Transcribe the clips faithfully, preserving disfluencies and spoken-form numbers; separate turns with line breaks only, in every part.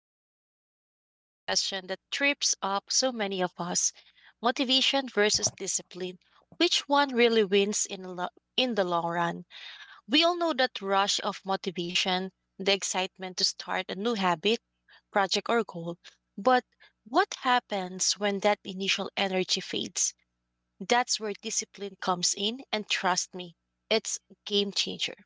Today we're diving into a question that trips up so many of us: motivation versus discipline. Which one really wins in, the lo- in the long run? We all know that rush of motivation, the excitement to start a new habit, project, or goal. But what happens when that initial energy fades? That's where discipline comes in, and trust me, it's a game changer.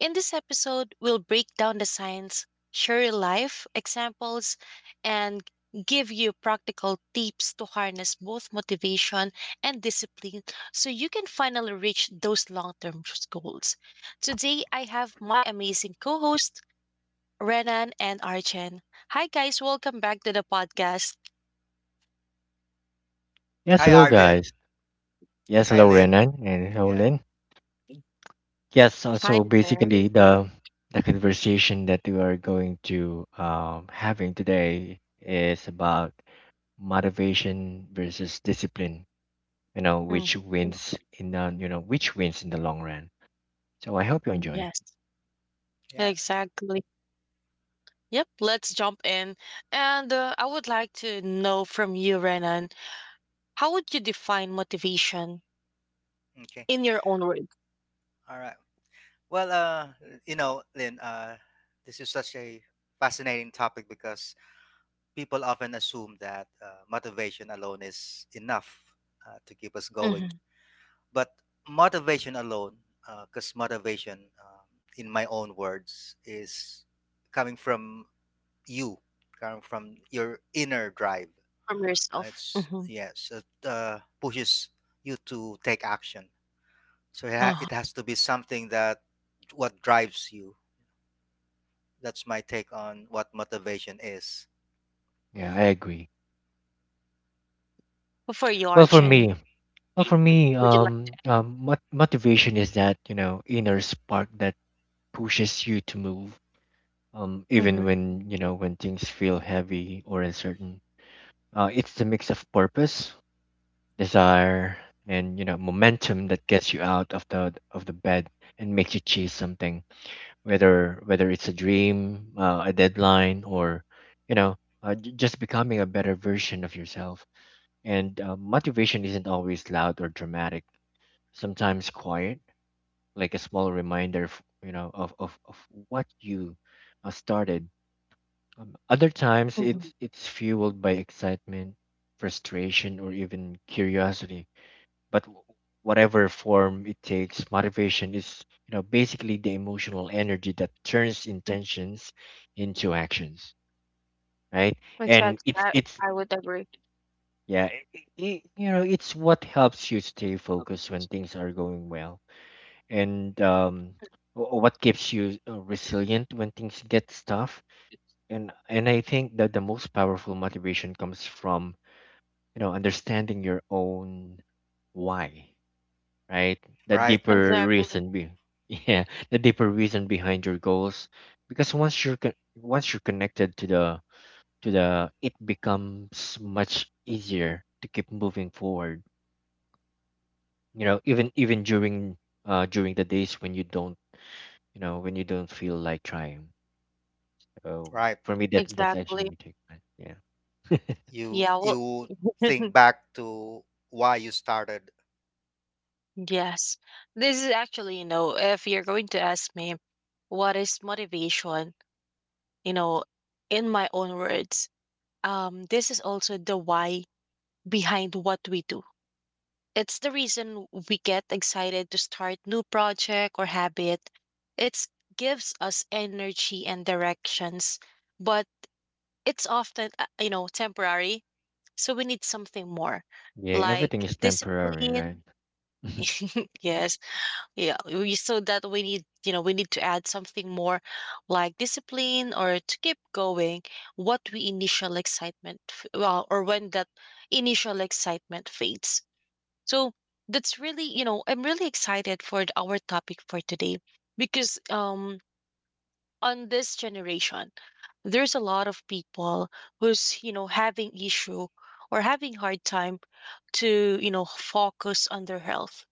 In this episode, we'll break down the science, share real life examples, and give you practical tips to harness both motivation and discipline so you can finally reach those long term goals. Today, I have my amazing co host, Renan and Archen. Hi, guys, welcome back to the podcast.
Yes,
Hi
hello
Arjen.
guys. Yes,
Hi
hello
Lynn.
Renan and hello
Yeah,
Lynn. Yes, uh,
Hi
so
there.
basically the the conversation that we are going to um, having today is about motivation versus discipline. You know
Mm,
which wins in the you know which wins in the long run. So I hope you
mm,
enjoy.
yes,
yeah.
exactly. Yep, let's jump in. And uh, I would like to know from you, Renan, how would you define motivation
Okay.
in your own words?
All right. Well, uh, you know, Lynn, uh, this is such a fascinating topic because people often assume that uh, motivation alone is enough uh, to keep us
Hmm.
going. But motivation alone, because motivation, um, in my own words, is coming from you, coming from your inner drive.
From
Uh,
yourself?
It's
Mm-hmm.
yes, it uh, pushes you to take action. So it ha-
Uh-huh.
it has to be something that what drives you. That's my take on what motivation is.
Yeah, I agree.
For you,
Well, for
Arjun,
me, well for me,
would you like to?
um, um mot- motivation is that you know inner spark that pushes you to move, um,
Mm-hmm.
even when you know when things feel heavy or uncertain. Uh, it's the mix of purpose, desire, and you know momentum that gets you out of the of the bed and makes you chase something, whether whether it's a dream, uh, a deadline, or you know uh, j- just becoming a better version of yourself. And uh, motivation isn't always loud or dramatic. Sometimes quiet, like a small reminder of, you know, of, of, of what you uh, started. Um, other times,
Mm-hmm.
it's it's fueled by excitement, frustration, or even curiosity. But w- whatever form it takes, motivation is you know basically the emotional energy that turns
Mm-hmm.
intentions into actions, right? And
Exactly.
it's
I,
it's
I would agree.
yeah, I I you know it's what helps you stay focused when things are going well, and um, wh- what keeps you uh, resilient when things get tough, and and I think that the most powerful motivation comes from you know understanding your own why, right? the
Right?
deeper
Ex-
Exactly.
reason be Yeah, the deeper reason behind your goals, because once you're con- once you're connected to the to the it becomes much easier to keep moving forward, you know even even during uh during the days when you don't, you know when you don't feel like trying. um,
right.
for me, that that's actually
Exactly.
me take, right? Yeah.
You
Yeah. Well,
you think back to why you started.
yes. This is actually, you know, if you're going to ask me what is motivation, you know, in my own words, um, this is also the why behind what we do. It's the reason we get excited to start new project or habit. It gives us energy and directions, but it's often uh, you know temporary, so we need something more,
Yeah,
like
everything is temporary, right?
discipline. Yes, yeah. We, so that we need you know we need to add something more, like discipline or to keep going. What we initial excitement, f- well, or when that initial excitement fades. So that's really, you know, I'm really excited for th- our topic for today because um on this generation, there's a lot of people who's, you know, having issue or having hard time to, you know, focus on their health.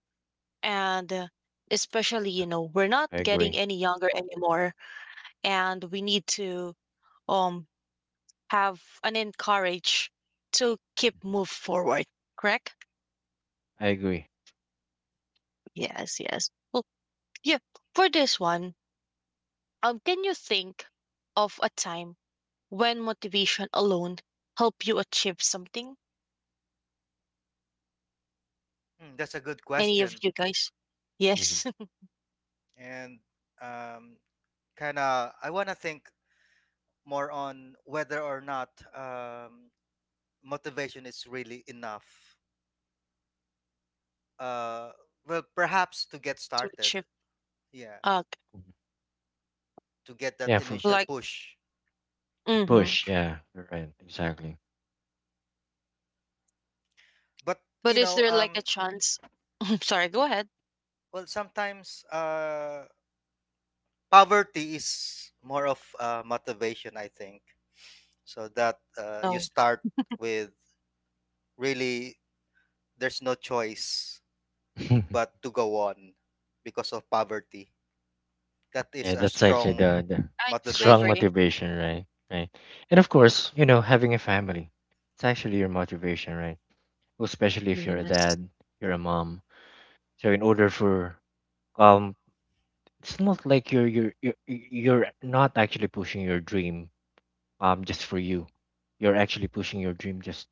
And uh, especially, you know, we're not
I
getting
agree.
any younger anymore, and we need to um have an encourage to keep move forward, correct?
I agree.
Yes, yes. Well, yeah, for this one, Um, can you think of a time when motivation alone helped you achieve something?
Mm, that's a good
Any of
question,
you guys?
Hmm.
Yes,
and um, kind of I want to think more on whether or not um, motivation is really enough. Uh, well, perhaps to get
to
started,
achieve.
yeah,
Uh,
to get that
Yeah, for to
initial
like,
push.
hmm
push. Yeah, you're right. Exactly.
But
but
you
is
know,
there like a
um,
chance? Sorry, go ahead.
well, sometimes uh, poverty is more of uh, motivation, I think, so that uh, you
No,
start with really there's no choice but to go on because of poverty. That is
Yeah,
a
that's actually the,
strong
the
I I
strong
motivation.
agree.
motivation, right? Right. And of course, you know, having a family, it's actually your motivation, right? Well, especially if you're a
Yes,
dad, you're a mom. So in order for, um, it's not like you're you're you're you're not actually pushing your dream um just for you. You're actually pushing your dream just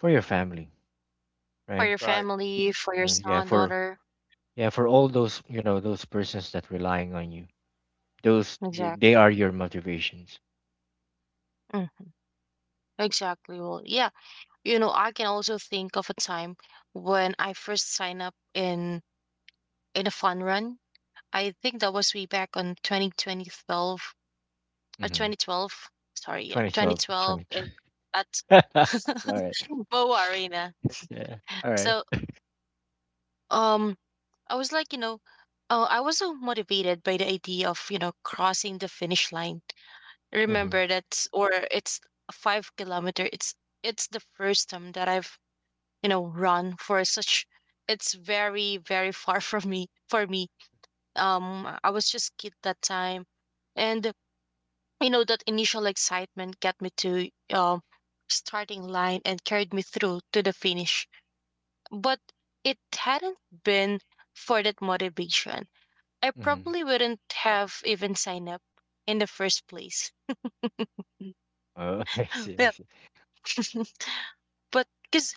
for your family,
for your
right?
Right,
family, for your
And yeah,
son,
for
daughter.
yeah, for all those, you know those persons that relying on you, those they they are
Exactly.
your motivations.
Mm, exactly. Well, yeah. You know, I can also think of a time when I first signed up in in a fun run. I think that was way back on twenty twenty twelve, or
Mm-hmm.
twenty twelve. Sorry, yeah,
twenty twelve,
twenty twelve
twenty.
it, at
All right.
Boa Arena.
Yeah. All right.
So um, I was like, you know, oh, I was so motivated by the idea of you know crossing the finish line.
Mm-hmm.
Remember that, or it's a five kilometer. It's it's the first time that I've you know run for such. It's very very far from me for me. Um, I was just kid that time, and you know that initial excitement got me to um starting line and carried me through to the finish. But it hadn't been for that motivation, I
Mm-hmm.
probably wouldn't have even signed up in the first place.
Oh, I
Yeah.
see. I see.
But because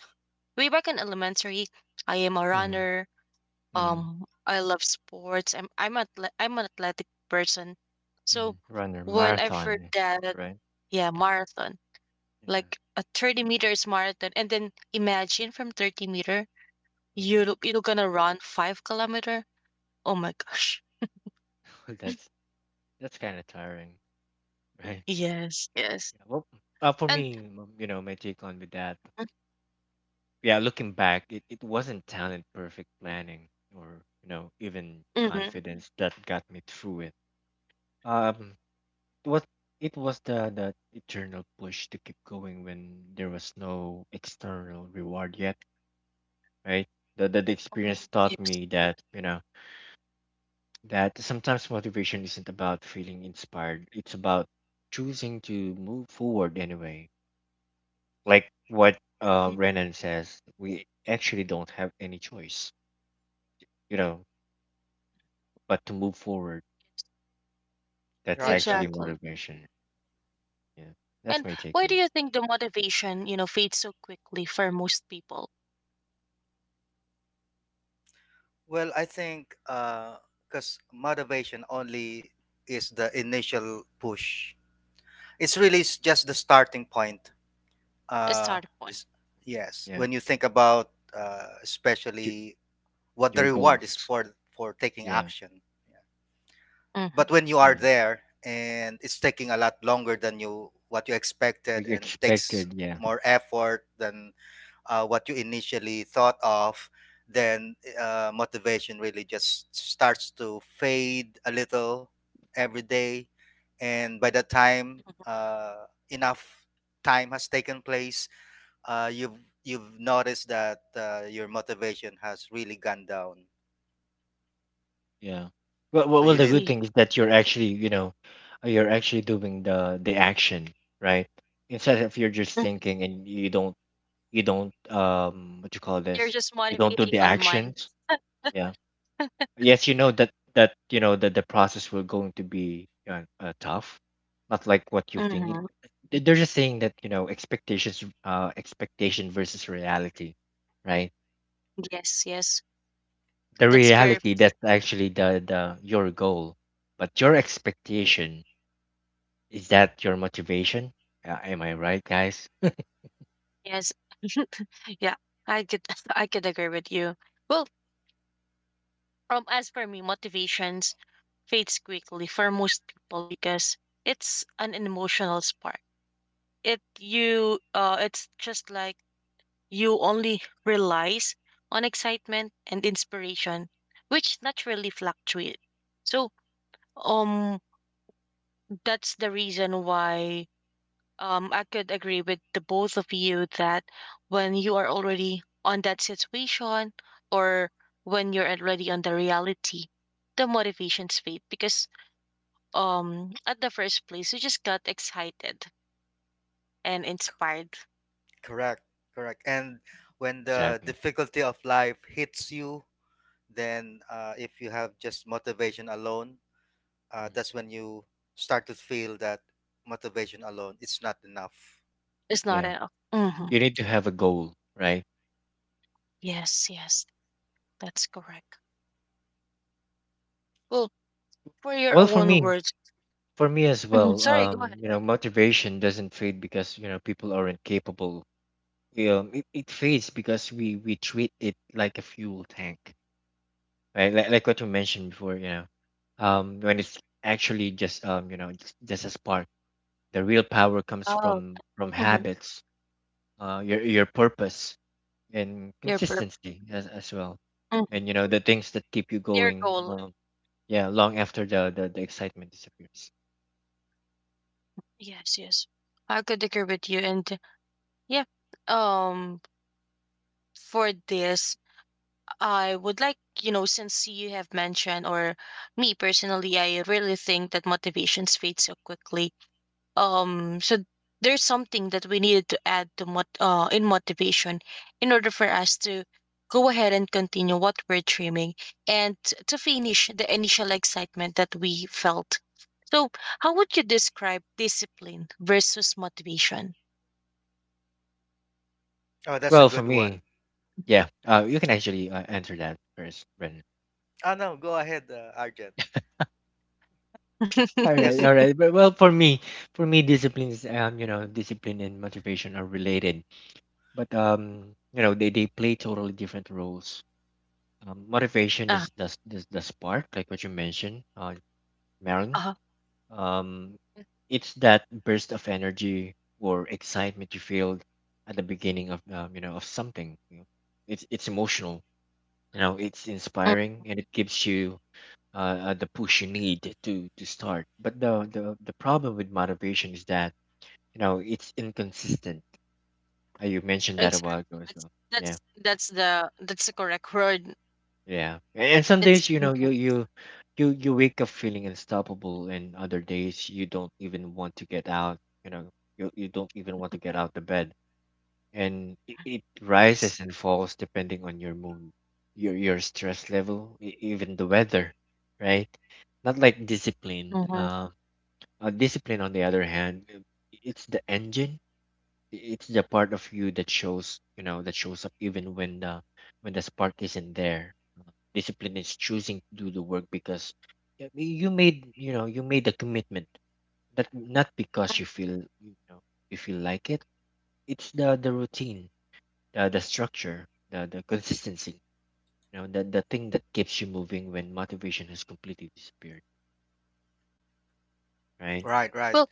way back in elementary, I am a
Mm-hmm.
runner.
Mm-hmm.
um I love sports. i'm i'm, athle- I'm an athletic person.
hmm
So
Runner
when I heard
marathon,
that,
right?
yeah, marathon,
Yeah.
like a thirty meters marathon. And then imagine from thirty meter
Mm-hmm.
you you're gonna run five kilometer. Oh my gosh.
That's that's kind of tiring, right?
Yes, yes.
Yeah, well, uh, for
And
me, m- you know, my take on with that. Yeah, looking back, it, it wasn't talent, perfect planning, or you know, even
mhm,
confidence that got me through it. Um, what It was the the eternal push to keep going when there was no external reward yet, right? The the, the experience
mhm,
taught
yes,
me that, you know that sometimes motivation isn't about feeling inspired; it's about choosing to move forward anyway. Like what uh
mm,
Renan says, we actually don't have any choice, you know but to move forward. That's
right,
actually
right.
exactly.
motivation. Yeah, that's
And
my take
why
on
do
it.
you think the motivation you know fades so quickly for most people?
Well, I think because motivation only is the initial push. It's really s- just the starting point.
A
uh
start point,
s- yes,
Yeah,
when you think about uh
your,
especially what the
your
reward
goals.
is for for taking
Yeah,
action, yeah.
mm-hmm,
But when you are
yeah.
there and it's taking a lot longer than you what you expected
Like
and takes
expected. Yeah,
more effort than uh, what you initially thought of, then uh, motivation really just starts to fade a little every day, and by the time uh, enough time has taken place, uh, you've you've noticed that uh, your motivation has really gone down.
yeah. Well, well,
So
well,
you
the
need
good
yes.
thing is that you're actually, you know, uh, you're actually doing the the action, right? Instead of you're just
Mm,
thinking and you don't, you don't, um, what you call
you're
this?
just
You don't do
motivating
the
on mind.
actions. Yeah. Yes, you know that that you know that the process will going to be, uh, uh, tough, not like what you
Mine.
think. It-
Hmm.
they- they're just saying that, you know expectations uh expectation versus reality, right?
Yes, yes,
The
that's very.
reality, that's actually the the your goal, but your expectation is that your motivation. Uh, am I right, guys?
Yes, yeah, I could I could agree with you. Well, Um, as for me, motivations fades quickly for most people because it's an emotional spark. It you, uh, it's just like you only relies on excitement and inspiration, which naturally fluctuate. So um, that's the reason why um I could agree with the both of you that when you are already on that situation or when you're already on the reality, the motivations fade because um at the first place you just got excited and inspired.
correct, correct. And when the
Exactly.
difficulty of life hits you, then uh, if you have just motivation alone, uh,
Mm.
that's when you start to feel that motivation alone it's not enough.
It's not
Yeah,
enough. Hmm.
you need to have a goal, right?
Yes, yes, that's correct. Well, for your
Well, for
own
me
words,
for me as
mhm.
well,
Sorry, go
um
ahead.
you know motivation doesn't fade because, you know people aren't capable. Yeah, it, it fades because we we treat it like a fuel tank, right? Like, like what you mentioned before, you know, um, when it's actually just um, you know, just, just a spark. The real power comes
Oh,
from from
mhm,
habits, uh, your your purpose and
your burp.
consistency as as well,
Hmm,
and you know the things that keep you
your
going.
goal.
Um, yeah, long after the, the the excitement disappears.
Yes, yes, I could agree with you. And yeah, um for this, I would like, you know since you have mentioned or me personally, I really think that motivations fade so quickly. Um so there's something that we needed to add to mot- uh, in motivation in order for us to go ahead and continue what we're dreaming and t- to finish the initial excitement that we felt. So how would you describe discipline versus motivation?
Oh, that's a
Well, for
good
me,
one.
yeah, uh, you can actually uh, answer that first, Brendan.
Oh no, go ahead, uh, Arjun.
All right,
Because
all right. But well, for me, for me, disciplines, um, you know, discipline and motivation are related, but um, you know, they they play totally different roles. Um, motivation
Uh,
is the s- is the spark, like what you mentioned, uh, Marilyn.
uh
Um, it's that burst of energy or excitement you feel at the beginning of, um, you know, of something. you know. It's it's emotional, you know, it's
Mm,
inspiring, and it gives you, uh, uh, the push you need to to start. But the, the the problem with motivation is that, you know it's inconsistent. Uh, you mentioned that a
exactly.
while ago as
That's
well. Yeah,
that's that's the that's the correct word.
yeah. And, and some days,
It's
you know you
inconsistency.
you you you wake up feeling unstoppable, and other days you don't even want to get out. You know you you don't even want to get out the bed, and it, it rises and falls depending on your mood, your your stress level, e- even the weather, right? Not like discipline.
Mhm.
Um Uh, discipline, on the other hand, uh, it's the engine. i- It's the part of you that shows, you know, that shows up even when the when the spark isn't there. Uh, Discipline is choosing to do the work because y- you made, you know, you made a commitment. That not because
Mm.
you feel, you know, you feel like it. It's the the routine, the the structure, the the consistency. You know, the the thing that keeps you moving when motivation has completely disappeared. Right.
right, right,
Well,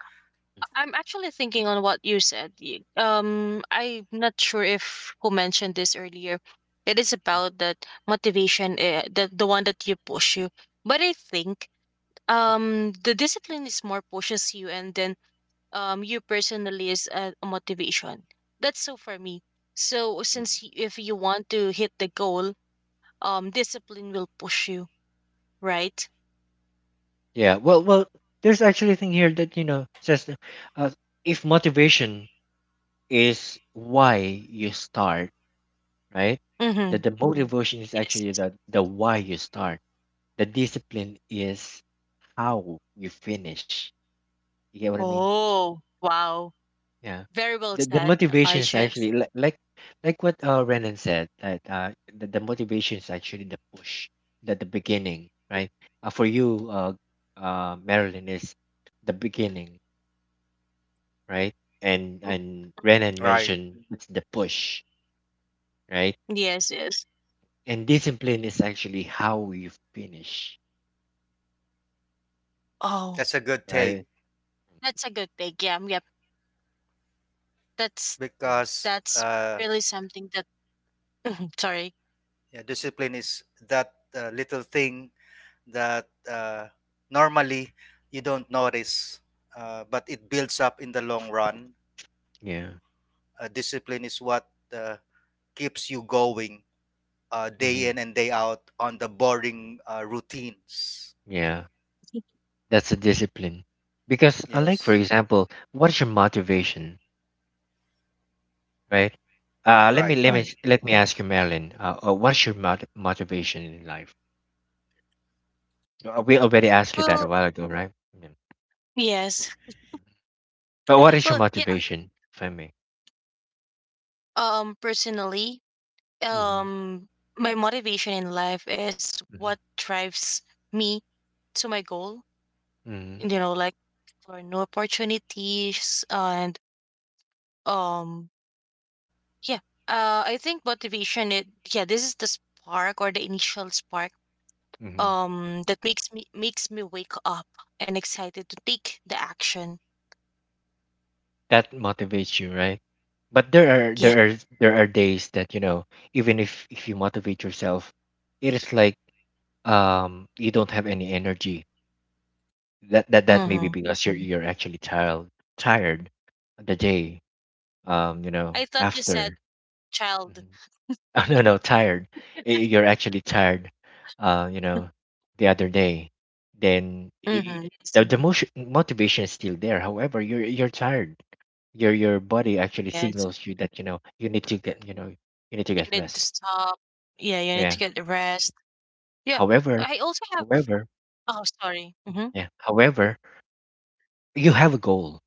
I'm actually thinking on what you said. You- Um, I'm not sure if who mentioned this earlier. It is about that motivation, uh, the the one that you push you. But I think um the discipline is more pushes you, and then um you personally is a a motivation. That's so for me, so since y- if you want to hit the goal, um discipline will push you, right?
Yeah. Well, well, there's actually a thing here that, you know says that, uh, if motivation is why you start, right? That
mm-hmm
the Mm. Motivation is
yes,
actually
yes.
the the why you start. The discipline is how you finish. You get what I mean?
Oh wow,
Yeah.
very well
The the
said,
motivation is
Arjun.
actually like like like what uh Renan said that, uh the, the motivation is actually the push, that the beginning, right? Uh, for you, uh, uh, Marilyn, is the beginning, right? And
Mm,
and Renan
right.
mentioned it's the push, right?
yes, yes.
And discipline is actually how you finish,
Oh,
That's a good take
right?
that's a good thing. Yeah, yep. that's
Yeah,
because
that's
uh,
really something that. Mm, sorry.
yeah, discipline is that uh, little thing that uh, normally you don't notice, uh, but it builds up in the long run.
yeah.
Uh, discipline is what uh, keeps you going, uh, day
Hmm.
in and day out on the boring uh, routines.
Yeah. That's a discipline, because, uh, like for
Yes,
example, what's your motivation, right? Uh, let me
right,
let me
Mm.
right.
let me ask you, Marilyn. Uh, uh, what's your mot- motivation in life? Uh, we already asked you that a
Well,
while ago, right? Yeah.
yes.
But what is your
Well, yeah,
motivation, if I may?
um personally,
Mm-hmm.
um my motivation in life is what drives me to my goal
Mm-hmm.
and, you know like for new opportunities and um yeah, uh I think motivation it, yeah, this is the spark or the initial spark.
Mm-hmm.
Um that makes me makes me wake up and excited to take the action.
That motivates you, right? But there are
Yeah,
there are there are days that, you know even if if you motivate yourself, it is like, um you don't have any energy. That that that may be
mm-hmm.
because you're you're actually tired, tired the day, um you know
I thought you said
after.
child.
Mhm. Oh no, no, tired. Y- You're actually tired. Uh, you know, the other day, then y- y-
Mm-hmm. Yes,
the the motion, motivation is still there. However, you're you're tired. Your your body actually
yes,
signals you that, you know you need to get you know you need to
you
get
need to
rest.
stop. Yeah, you need
Yeah.
to get the rest. Yeah,
However,
I also have.
however,
Oh, sorry. Hmm.
yeah. However, you have a goal,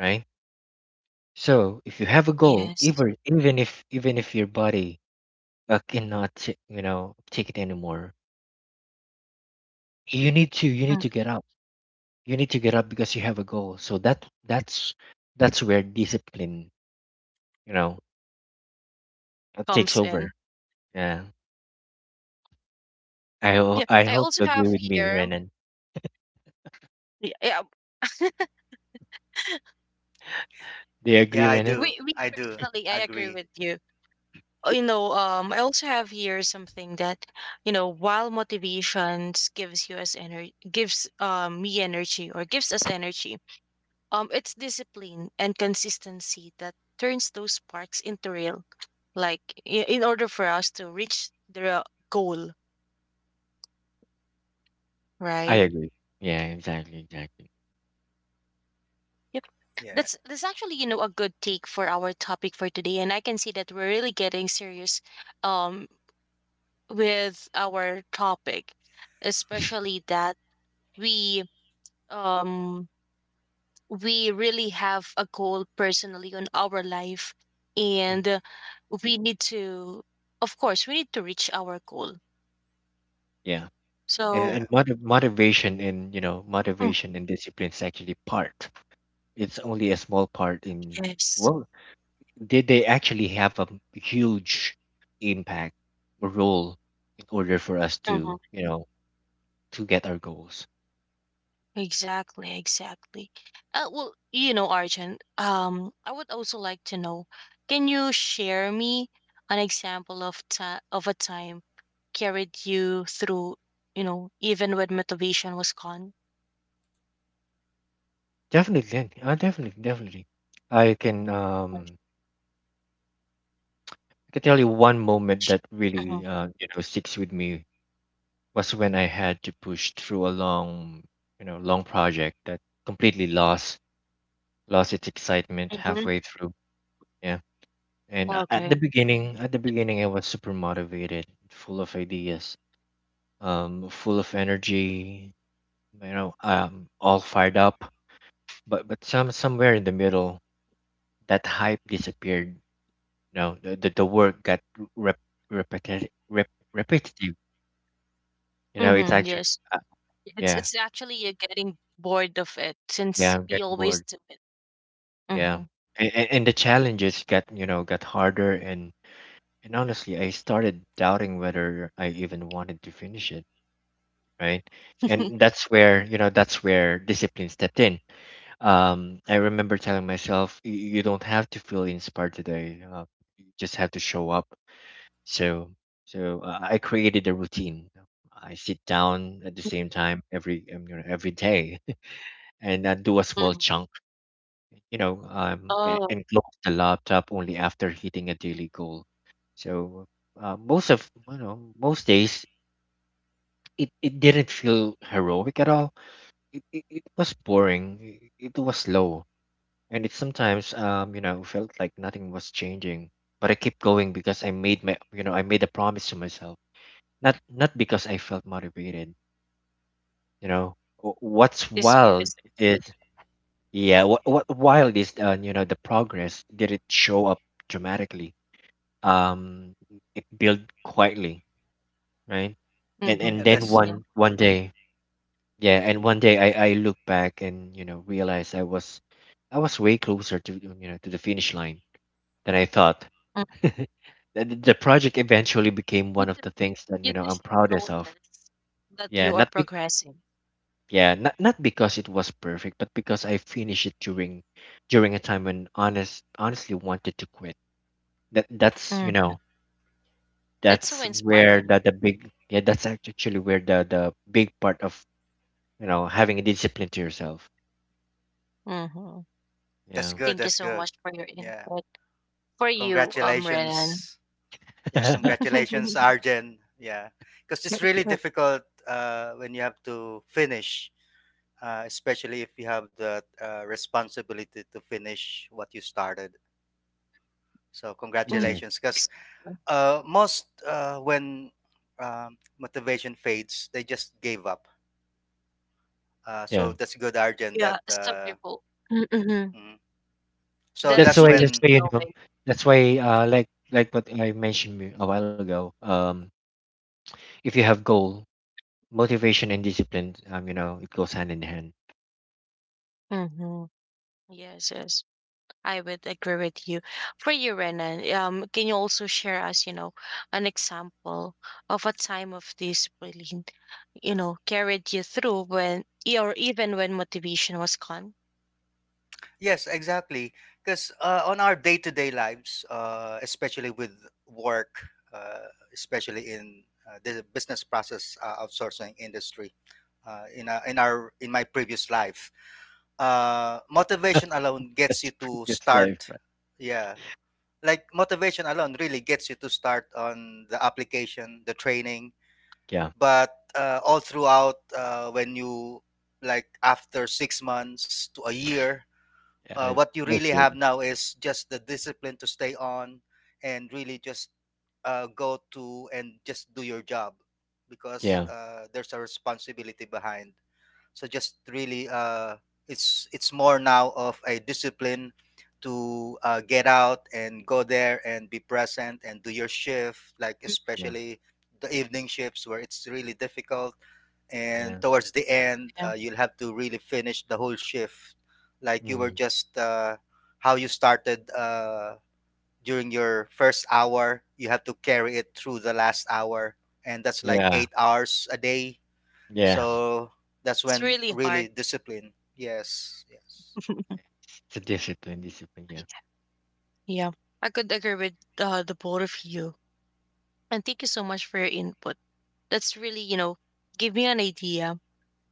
right? So if you have a goal,
Yes.
even even if even if your body, uh, cannot, you know take it anymore, you need to you need
Mm.
to get up, you need to get up because you have a goal. So that that's that's where discipline, you know uh, takes
Comes in.
over. Yeah. i ho-
Yeah.
i
I
hope
also
you
have
agree with me,
here.
Renan.
Yeah, yeah,
Do you
yeah.
agree,
Yeah, I
Renan?
do.
We, we
I do
personally, I agree
agree.
with you. Uh, You know, um, I also have here something that, you know, while motivations gives you as energy, gives um, me energy or gives us energy, um, it's discipline and consistency that turns those sparks into real. Like, i- in order for us to reach the goal,
I
right?
agree. Yeah, exactly, exactly.
Yep.
Yeah,
That's that's actually, you know, a good take for our topic for today. And I can see that we're really getting serious um with our topic, especially that we um we really have a goal personally on our life.
Mm.
And uh, we need to of course we need to reach our goal.
Yeah, and
So
yeah.
and motiv- motivation and you know
mm,
motivation and discipline is actually part. It's only a small part in.
yes.
Well, did they actually have a huge impact or role in order for us to, you know to get our goals.
Exactly, exactly. Uh, well, you know, Arjun, um, I would also like to know, can you share me an example of ta- of a time carried you through, you know, even when motivation was gone?
Definitely, uh, definitely, definitely. I can um I can tell you one moment that
Mm-hmm.
really, uh, you know sticks with me, was when I had to push through a long you know long project that completely lost lost its excitement
Mm-hmm.
halfway through. Yeah, and a- at the
Okay.
beginning, at the beginning, I was super motivated, full of ideas, um, full of energy, you know, um, all fired up. But but some somewhere in the middle, that hype disappeared. No, the the, the work got rep, repetitive, rep, repetitive. You know, it's
Mm-hmm.
actually.
Yes.
uh,
It's
yeah,
it's actually you're getting bored of it since
yeah. I'm
you
getting
always
bored.
do it.
Yeah,
Mm-hmm.
and, and and the challenges got you know got harder, and and honestly, I started doubting whether I even wanted to finish it. Right, and that's where you know that's where discipline stepped in. Um, I remember telling myself, "Y- you don't have to feel inspired today. Uh, you just have to show up." So so uh, I created a routine. I sit down at the same time every um, you know, every day, and I do a small
Mhm.
chunk, you know, um, a-
Oh,
and close the laptop only after hitting a daily goal. So uh, most of you know most days it, it didn't feel heroic at all. It, it, it was boring. It, it was slow, and it sometimes um you know felt like nothing was changing. But I kept going because I made my you know I made a promise to myself, not not because I felt motivated. You know, Wh- what's
this is
wild
because.
is, yeah, what what wild is, uh, you know the progress, did it show up dramatically? um, Build quietly, right? And
Mm-hmm.
and
Yeah,
then, mhm,
that's
Yeah.
one one day, yeah, and one day I I look back and you know realize I was, I was way closer to you know to the finish line than I thought. The the project eventually became one of the things that
You
you know I'm
just
proudest of.
notice that
Yeah,
you are
not be
progressing.
yeah, not, not because it was perfect, but because I finished it during during a time when honest honestly wanted to quit. That that's you
Mm.
know
That's so
that's where
inspiring.
the, the big, yeah, that's actually where the the big part of you know having a discipline to yourself,
Hmm.
that's
yeah.
good.
Thank you
That's
so
good.
much for your
Yeah.
input. For you, um, Renan.
Congratulations. Yeah, congratulations, Arjen. Yeah, because it's really difficult uh, when you have to finish, uh, especially if you have the uh, responsibility to finish what you started. So
Mm,
Exactly,
congratulations, because
exactly.
uh, most uh, when um, motivation fades, they just gave up. Uh,
yeah,
so that's good, Arjun.
Yeah,
That
some
uh,
people, mm-hmm.
mm. So
that
that's
that's
he
why that's
keeps
when
why you know
going.
that's why uh like like what I mentioned me- a while ago, um if you have goal, motivation and discipline, um you know it goes hand in hand.
Hmm. Yes, yes. I would agree with you. For you, Renan, um, can you also share us, you know, an example of a time of discipline, you know, carried you through when, e- or even when motivation was gone?
yes, exactly. Because uh, on our day-to-day lives, uh, especially with work, uh, especially in uh, the business process uh, outsourcing industry, uh, in a, in our in my previous life. Uh, motivation alone gets
That's
you to
previous
start.
life, right?
Yeah, like motivation alone really gets you to start on the application, the training.
Yeah.
But uh, all throughout, uh, when you like after six months to a year,
Yeah,
uh,
I,
what you
I
really
feel.
have now is just the discipline to stay on and really just uh, go to and just do your job because
Yeah,
uh, there's a responsibility behind. So just really uh it's it's more now of a discipline to uh, get out and go there and be present and do your shift, like
Mm,
yeah,
especially the evening shifts, where it's really difficult, and
yeah.
towards the end
yeah,
uh, you'll have to really finish the whole shift, like you were
Mm,
just uh, how you started, uh, during your first hour you have to carry it through the last hour, and that's like
yeah,
eight hours a day.
yeah.
So that's
it's
when
really hard.
really discipline. Yes, yes.
It's a discipline, discipline. Yeah.
Yeah, I could agree with uh, the both of you. And thank you so much for your input. That's really, you know, give me an idea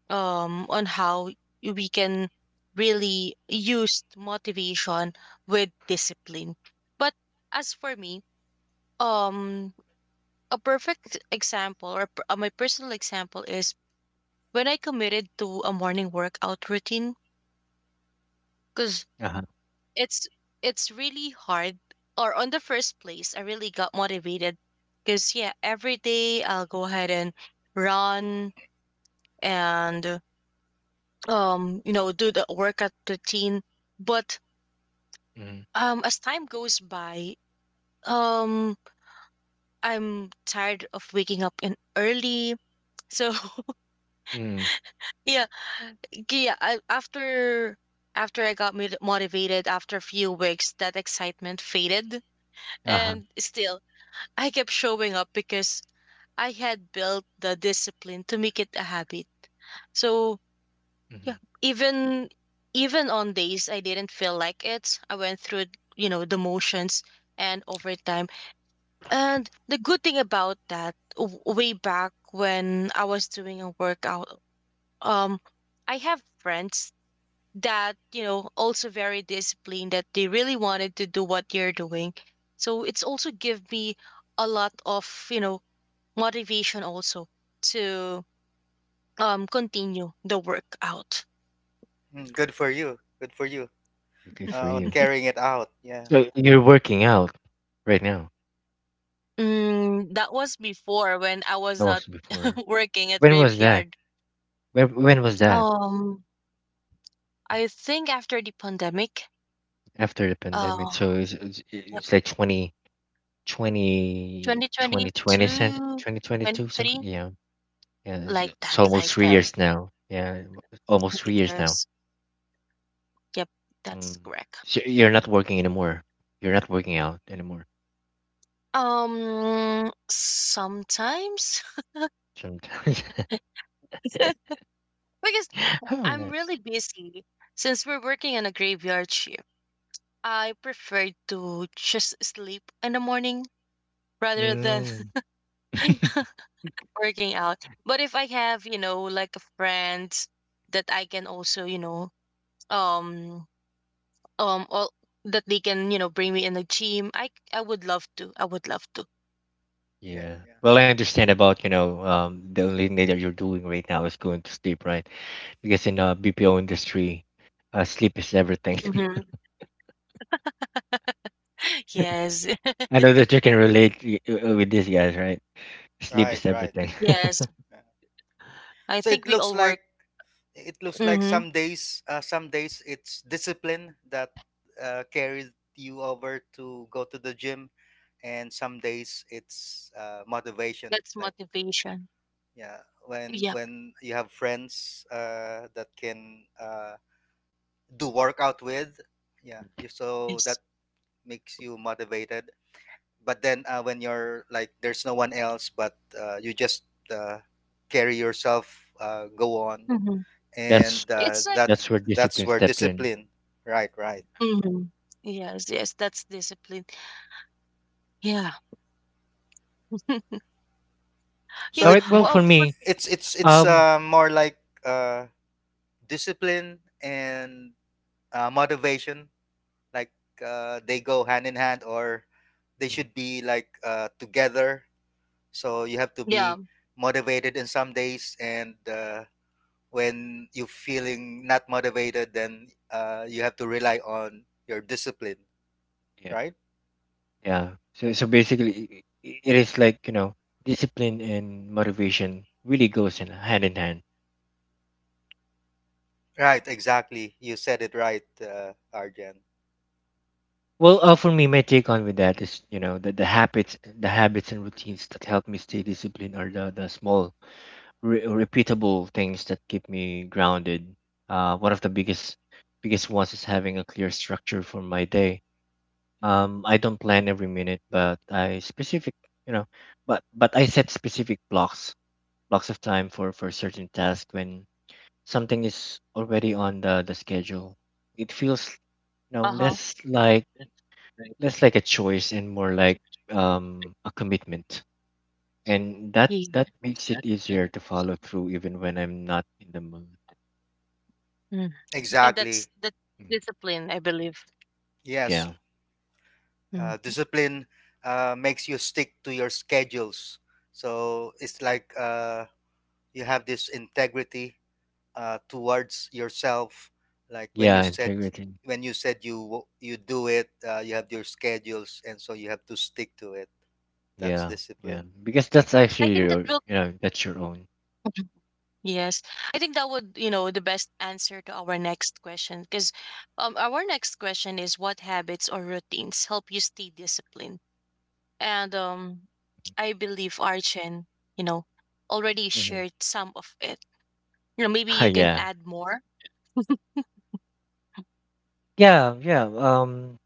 um, on how we can really use motivation with discipline. But as for me, um, a perfect example or per- uh, my personal example is when I committed to a morning workout routine because
Uh huh.
it's it's really hard. Or on the first place, I really got motivated because yeah, every day I'll go ahead and run and um you know do the workout routine. But
Mm,
Um, as time goes by, um, I'm tired of waking up in early. So
mm,
yeah, g- yeah. I, after after I got mot- motivated after a few weeks, that excitement faded,
uh huh.
and still I kept showing up because I had built the discipline to make it a habit. So yeah,
Mm-hmm.
even even on days I didn't feel like it, I went through you know the motions, and over time. And the good thing about that, w- way back when I was doing a workout, um, I have friends that, you know, also very disciplined that they really wanted to do what you're doing. So it's also give me a lot of, you know, motivation also to um continue the workout.
Mm, good for you. Good for you
Good for
uh, on
you.
carrying it out. Yeah,
So you're working out right now.
Mm, that was before when I was
That
not
was before.
working at
When was that?
graveyard.
When when was that?
Um, I think after the pandemic,
After the pandemic.
uh,
So it's it's, it's like twenty twenty
Twenty twenty
twenty twenty, cent-
two, twenty
twenty twenty-two, something.
three,
Yeah. Yeah. It's,
like
it's
that,
almost
like
three
that.
years now. Yeah. Almost three years now.
Yes. Yep,
Mm.
that's correct.
So you're not working anymore. You're not working out anymore.
Um, sometimes
Sometimes.
because
All
I'm
right.
really busy since we're working on a graveyard shift. I prefer to just sleep in the morning rather than
Mm.
working out. But if I have, you know, like a friend that I can also, you know, um um all that they can you know bring me in the gym, I I would love to I would love to
yeah,
Yeah.
yeah.
Well, I understand about, you know, um, the only thing that you're doing right now is going to sleep, right? Because in uh, B P O industry, uh, sleep is everything.
Hmm. Yes.
I know that you can relate y- uh, with these guys, right? Sleep
Right,
is
right.
everything.
Yes,
Yeah.
I
So
think
it
we
looks
all work.
like it looks like
Hmm.
some days, uh, some days it's discipline that uh, carries you over to go to the gym, and some days it's uh, motivation.
That's
Like
motivation.
yeah, when
Yep.
when you have friends uh, that can uh, do workout with, yeah, you so that
Yes.
makes you motivated. But then uh, when you're like there's no one else, but uh, you just uh, carry yourself, uh, go on,
Hmm.
and
That's
uh,
It's like.
that's
that's where
that's
discipline
where
stepped in.
discipline. Right, right.
Hmm. Yes, yes, that's discipline. Yeah.
So
Yeah.
All
it
right. Well,
mo-
Oh,
for
but,
me,
it's it's it's
um,
uh, more like uh, discipline and uh, motivation. Like uh, they go hand in hand, or they
mm,
should be like uh, together. So you have to
yeah.
be motivated in some days and uh, when you're feeling not motivated, then uh, you have to rely on your discipline.
yeah.
Right,
Yeah. So so basically, i- i- it is like, you know, discipline and motivation really goes in hand in hand.
right, exactly, you said it right, uh, Arjan.
Well, uh, for me, my take on with that is, you know the, the habits, the habits and routines that help me stay disciplined are the the small, re- repeatable things that keep me grounded. Uh, one of the biggest biggest ones is having a clear structure for my day. Um, I don't plan every minute, but I specific you know, but but I set specific blocks blocks of time for for certain tasks when something is already on the, the schedule. It feels, you know
Uh-huh.
less like less like a choice and more like, um, a commitment, and that
Yeah.
that makes it easier to follow through even when I'm not in the mood.
Mm. And that's
Exactly,
that
Mm,
discipline, I believe.
yeah,
yes. Uh,
Mm.
discipline uh, makes you stick to your schedules, so it's like uh, you have this integrity uh, towards yourself. Like when you
yeah,
said
integrity.
when you said you wo- you do it, uh, you have your schedules, and so you have to stick to it. That's
Yeah,
discipline.
yeah, because that's
I
actually
think that
your
will.
you know that's your own.
Yes, I think that would, you know, the best answer to our next question because um, our next question is what habits or routines help you stay disciplined? And um, I believe Archen, you know, already
Hmm.
shared some of it. You know, maybe you can
Yeah,
add more.
yeah, yeah. Um,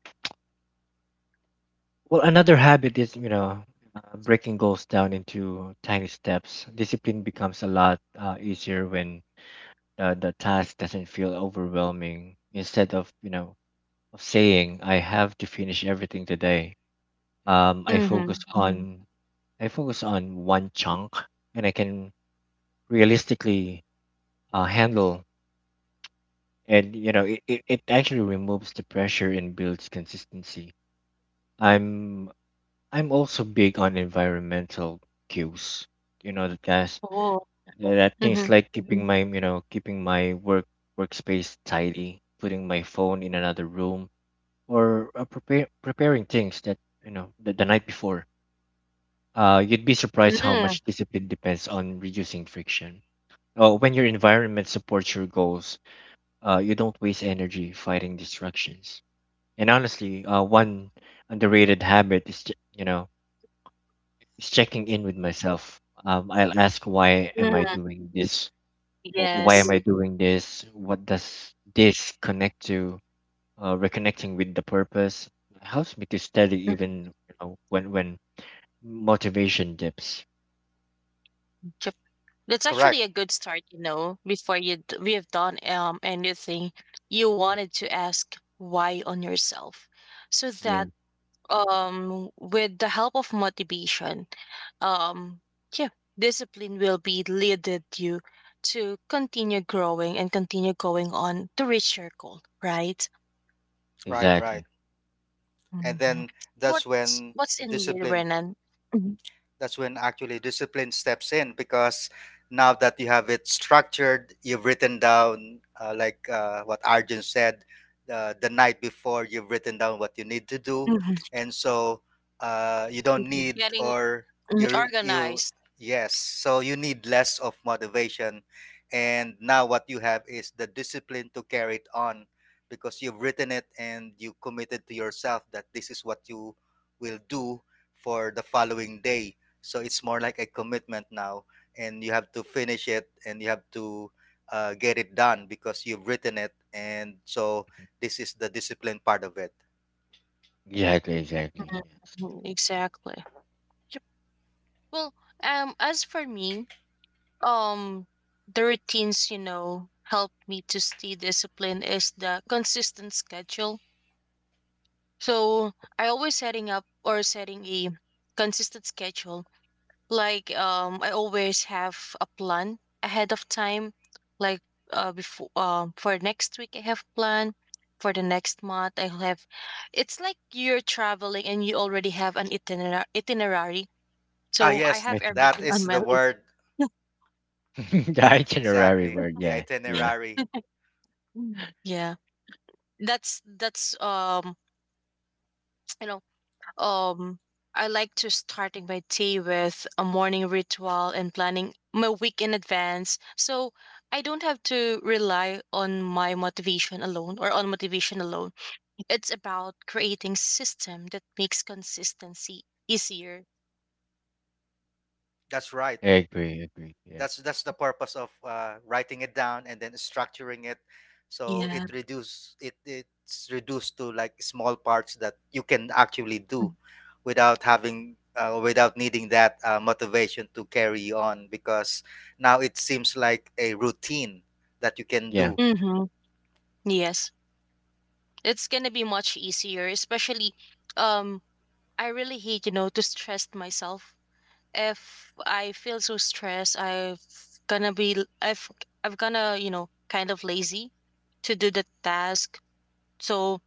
Well, another habit is, you know, uh, breaking goals down into tiny steps. Discipline becomes a lot uh, easier when, uh, the task doesn't feel overwhelming. Instead of, you know, of saying I have to finish everything today, um, I focus
Mhm.
hmm on I focus on one chunk, and I can realistically uh, handle. And, you know, it, it, it actually removes the pressure and builds consistency. I'm I'm also big on environmental cues. You know that, guys,
Oo.
that that things
Mhm.
like keeping my you know keeping my work workspace tidy, putting my phone in another room, or uh, prepare, preparing things that, you know the, the night before. Uh, you'd be surprised how
Mm,
much discipline depends on reducing friction. Uh, when your environment supports your goals, uh, you don't waste energy fighting distractions. And honestly, uh, one underrated habit is, ju- you know is checking in with myself. Um, I'll ask, why am I
mm.
doing this? Wh- Why am
Yes.
I doing this? What does this connect to? Uh, reconnecting with the purpose helps me to steady even, you know, when when motivation dips.
Mhm. That's actually
Correct.
a good start, you know. Before you d- we have done um anything, you wanted to ask why on yourself, so
Yeah,
that um with the help of motivation, um yeah, discipline will be leaded you to continue growing and continue going on to reach your goal, right?
Right, right.
exactly,
And
Mhm.
then that's
What's
when
what's in you,
discipline,
Renan? Mhm.
that's when actually discipline steps in, because now that you have it structured, you've written down, uh, like uh, what Arjun said, uh, the night before, you've written down what you need to do.
Mhm.
And so uh, you don't need,
Getting
or
mm,
you're, you,
organized.
yes, so you need less of motivation. And now what you have is the discipline to carry it on because you've written it and you committed to yourself that this is what you will do for the following day. So it's more like a commitment now, and you have to finish it, and you have to uh, get it done because you've written it, and so this is the discipline part of it.
exactly, exactly.
Mhm. Exactly. Well, um, as for me, um, the routines, you know, helped me to stay disciplined is the consistent schedule. So I always setting up or setting a consistent schedule. Like um, I always have a plan ahead of time. Like uh, before um, for next week I have plan. For the next month I have. It's like you're traveling and you already have an itiner- itinerary.
Ah
So I
yes,
Yes,
have
that
itinerary.
everything
is
on my
the
list.
word,
The itinerary
exactly,
word.
the
Yeah, yeah.
itinerary.
Mm, yeah, that's that's um you know um I like to starting my day with a morning ritual and planning my week in advance so I don't have to rely on my motivation alone or on motivation alone. It's about creating system that makes consistency easier.
That's right.
I agree, agree. Yeah.
That's that's the purpose of uh, writing it down and then structuring it, so
Mhm.
Yeah.
it reduce it, it's reduced to like small parts that you can actually do without having uh, without needing that uh, motivation to carry on, because now it seems like a routine that you can
Yeah,
do.
Mm-hmm. Yes, it's gonna be much easier, especially um I really hate, you know, to stress myself. If I feel so stressed, I've gonna be l- I've I've gonna you know kind of lazy to do the task. So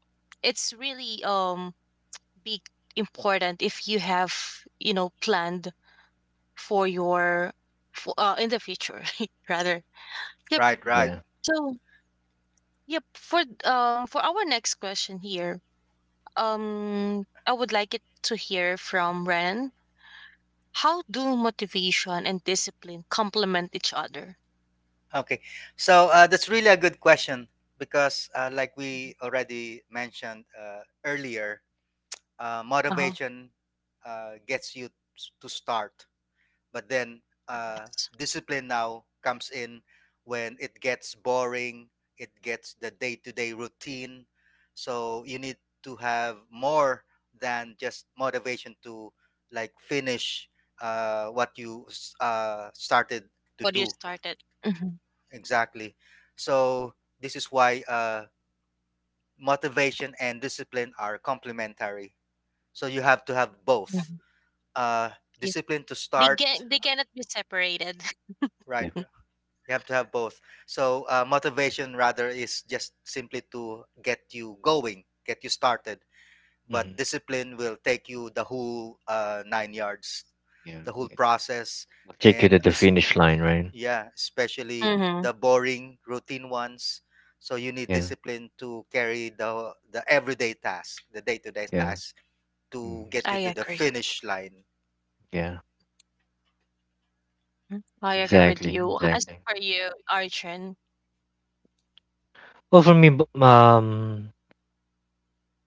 it's really um big important if you have you know planned for your for, uh, in the future rather. Yep.
Right, right.
yeah,
So yep, for um for our next question here, um I would like it to hear from Ren. How do motivation and discipline complement each other?
Okay, so uh, that's really a good question, because uh, like we already mentioned, uh, earlier, uh,
Uh huh.
motivation uh, gets you s- to start. But then uh, discipline now comes in when it gets boring, it gets the day-to-day routine. So you need to have more than just motivation to like finish uh, what you s- uh, started to
What you
do.
started. Mhm,
Exactly. So this is why uh, motivation and discipline are complementary, so you have to have
yeah.
both. uh,
Yeah.
Discipline to
They
start,
can they cannot be separated.
right?
yeah.
r- You have to have both. So uh, motivation rather is just simply to get you going, get you started. But
Hmm.
discipline will take you the whole uh, nine yards,
Yeah.
the whole
Yeah.
process,
Take you to
and
the
es-
finish line, right?
yeah, especially
Hmm.
the boring routine ones. So you need
Yeah,
discipline to carry the the everyday task, the day-to-day
yeah.
task,
Mhm.
to get
I
you to the
agree.
finish line.
Yeah,
Mhm. I agree with
exactly,
you. As
exactly.
for you, Arjun.
Well, for me, b- um,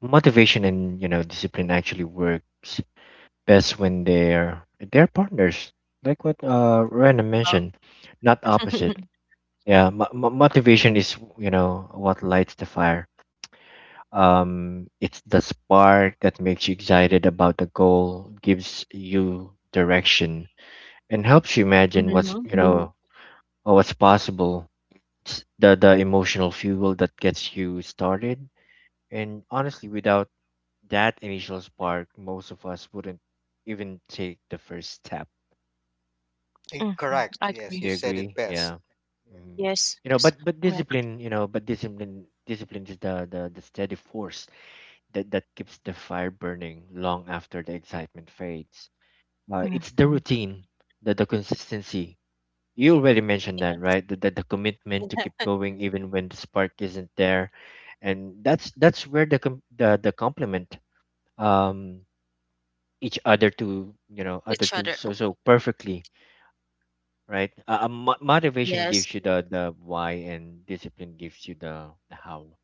motivation and, you know discipline actually works best when they're they're partners, like what uh Rena
Oh.
mentioned, not opposite. Yeah, mo mo- motivation is, you know what lights the fire. Um, it's the spark that makes you excited about the goal, gives you direction, and helps you
Hmm.
imagine what's
Hmm.
you hmm know or what's possible. It's the the emotional fuel that gets you started. And honestly, without that initial spark, most of us wouldn't even take the first step.
Eh, correct. Yes, you
Agree.
Do you
said it
agree?
best.
Yeah.
Yeah.
Hmm.
Yes,
You know,
yes.
but but
Right.
discipline, you know, but discipline, discipline is the the, the steady force that that keeps the fire burning long after the excitement fades. Uh, it's the
Mhm.
routine, the the consistency. You already mentioned that,
Yes.
right? The, the the commitment to keep going even when the spark isn't there, and that's that's where the com- the the compliment um each other, to, you know other
Each
two,
other.
so so perfectly, right? uh, uh, mo- motivation
Yes.
gives you the the why and discipline gives you the the how.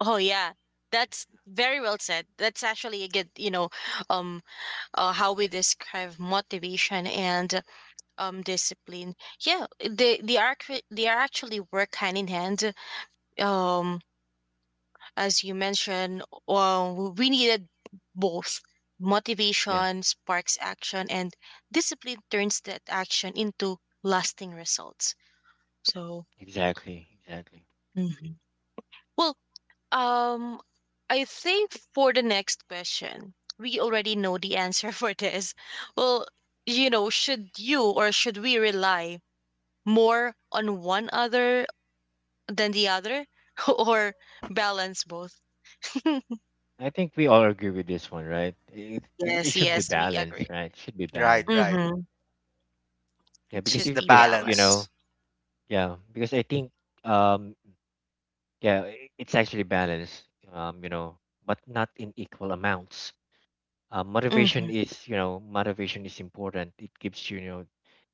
Oh yeah. That's very well said. That's actually a good, you know, um uh, how we describe motivation and um discipline. Yeah, they they are actu- they are actually work hand in hand. Um as you mentioned, well, we needed both.
Yeah,
Motivation sparks action, and discipline turns that action into lasting results. So,
exactly, exactly.
mhm. Well, Um, I think for the next question, we already know the answer for this. Well, you know, should you or should we rely more on one other than the other or balance both?
I think we all agree with this one, right? It, it, it
Yes,
should be
yes, we
balanced.
agree.
Right, it should be
Right,
balanced.
right.
Mm-hmm.
Yeah,
It
because
It's
should
if
the
be
if you
balanced.
know
balance.
yeah, because I think, um, yeah, i- it's actually balanced, um you know but not in equal amounts. uh,
Mm-hmm.
motivation is you know motivation is important. It gives you, you know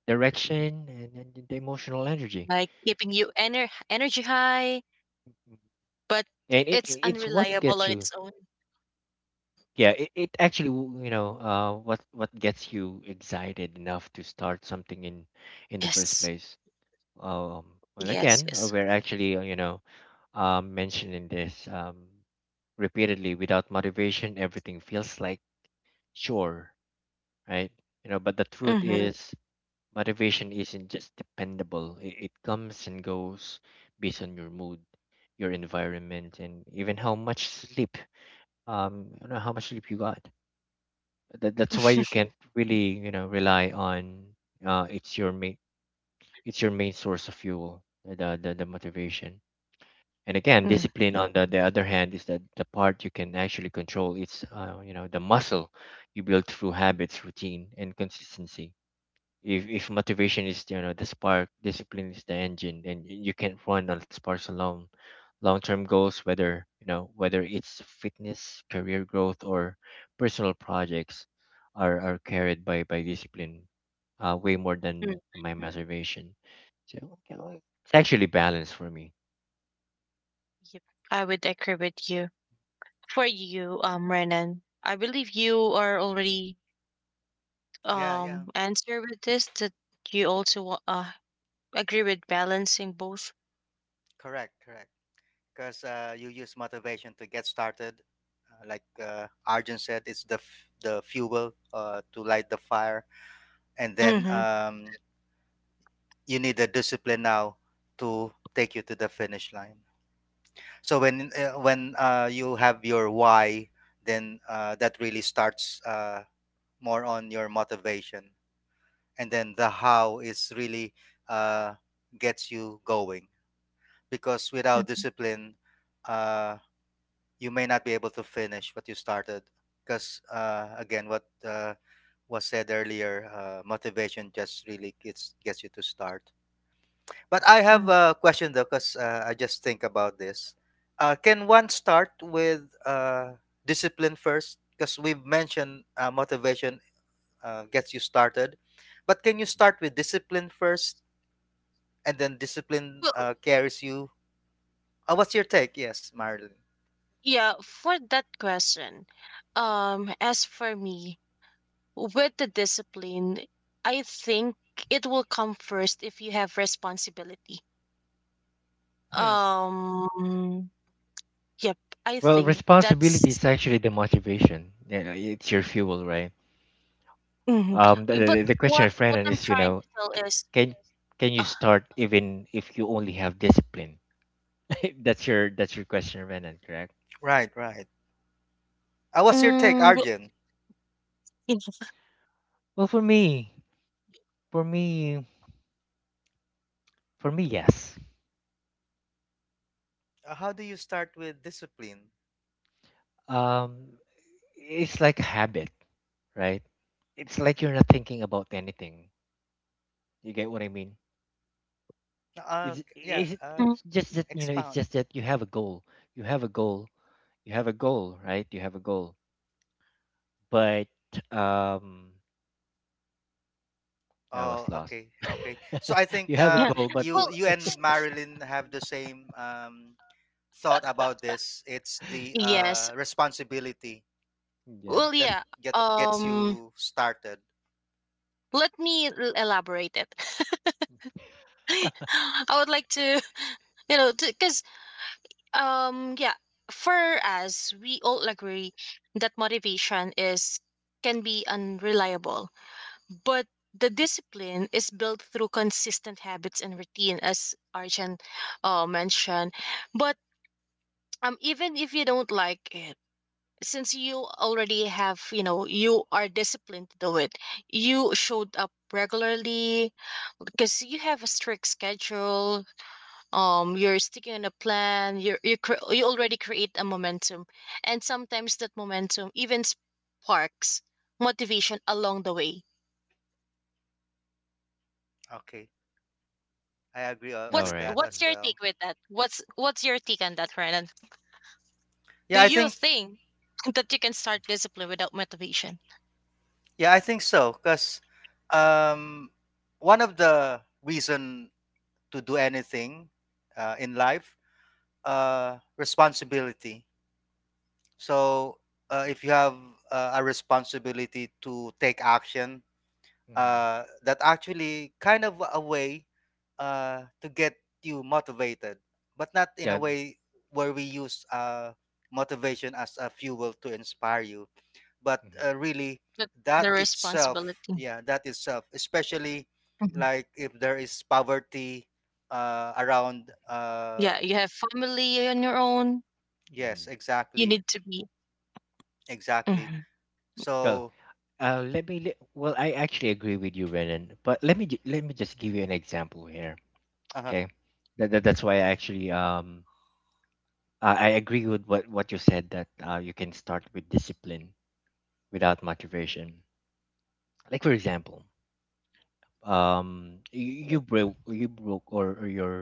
direction and, and the emotional energy.
Like keeping you ener- energy high,
Mhm.
but
And it,
it's
it- it's what
unreliable
gets
on
you,
its own.
yeah, it, it actually w- you know uh what what gets you excited enough to start something in in the first
Yes,
place. um well,
yes,
again, uh,
yes.
we're actually, uh, you know um mentioning this, um repeatedly. Without motivation everything feels like, sure, right, you know but the truth
Mm-hmm.
is, motivation isn't just dependable. It, it comes and goes based on your mood, your environment, and even how much sleep, um, you know, how much sleep you got. That, that's why you can't really, you know, rely on, uh, it's your main it's your main source of fuel, the the, the motivation. And again,
Mm-hmm.
discipline on the, the other hand is that the part you can actually control. It's, uh, you know the muscle you build through habits, routine, and consistency. If if motivation is, you know the spark, discipline is the engine, then y- you can't run on sparks alone. Long-term goals, whether you know whether it's fitness, career growth, or personal projects, are are carried by by discipline, uh way more
Mm.
than my motivation. So, you know, it's actually balanced for me.
Yep. I would agree with you. For you, um, Renan, I believe you are already
Yeah, yeah.
um answer with this that you also wa- uh agree with balancing both.
Correct, correct. Because uh, you use motivation to get started. Uh, like uh, Arjun said, it's the f- the fuel uh, to light the fire, and then
Mm-hmm.
um, you need the discipline now to take you to the finish line. So when uh, when uh, you have your why, then uh, that really starts uh, more on your motivation, and then the how is really uh, gets you going, because without
Hmm.
discipline, uh, you may not be able to finish what you started. Because uh, again, what uh, was said earlier, uh, motivation just really gets gets you to start. But I have a question though, because uh, I just think about this. Uh, can one start with uh, discipline first? Because we've mentioned uh, motivation uh, gets you started, but can you start with discipline first, and then discipline
Well,
uh, carries you? Uh, what's your take? Yes, Marilyn.
yeah, for that question, um, as for me, with the discipline, I think it will come first if you have responsibility.
Hmm.
Um, yep, I
Well,
think
responsibility
that's.
is actually the motivation. Yeah, it's your fuel, right?
Mhm.
um the,
But
the, the question
what
of
what
Brandon
I'm
is, you
trying
know
to tell
c-
is.
can can you
Uh,
start even if you only have discipline? That's your, that's your question, Brandon, correct?
Right, right. Uh, what's your take,
mm,
Arjun?
Mhm.
Well, for me for me for me, yes.
Uh, how do you start with discipline?
um it's like a habit, right? It's like you're not thinking about anything. You get what I mean?
Uh,
it's,
c- yeah,
it's
uh,
it's just that you know it's
expound.
just that you have a goal. You have a goal, you have a goal, right? You have a goal, but um I was
Oh,
lost.
okay, okay. So I
You
think
have a
Yeah.
um,
goal, but
you
y-
Well,
you and Marilyn have the same um, thought about this. It's the
yeah,
yes.
uh, responsibility
yeah.
Well,
that
yeah.
get gets
Um,
you started.
let me l- elaborate it. I would like to, you know, because um, yeah, for us, we all agree that motivation is can be unreliable, but the discipline is built through consistent habits and routine, as Arjun uh, mentioned. But um, even if you don't like it, since you already have you know you are disciplined to do it, you showed up regularly because you have a strict schedule, um you're sticking on a plan, you're, you cre- you already create a momentum, and sometimes that momentum even sparks motivation along the way.
Okay, I agree uh,
All
what's
with
right.
that
what's
as
your
well.
take with that? What's what's your take on that, Renan? Do
Yeah, I
you
think
think that you can start discipline without motivation?
yeah, I think so. Cause um, one of the reason to do anything uh, in life, uh, responsibility. So uh, if you have uh, a responsibility to take action,
Mm-hmm.
uh, that actually kind of a way uh, to get you motivated, but not in a
Yeah.
way where we use uh, motivation as a fuel to inspire you. But
Mm-hmm.
uh, really
But
that
the
itself,
responsibility.
yeah, that itself, especially like if there is poverty uh, around. Uh,
Yeah, you have family on your own.
Mm.
yes,
You
exactly.
need to be.
Exactly.
Hmm.
Well,
So
uh, let me. Li- well, I actually agree with you, Renan. But let me ju- let me just give you an example here.
uh,
Okay, that, that that's why I actually, um I, I agree with what what you said, that uh, you can start with discipline without motivation. Like for example, um you, you broke you broke or, or your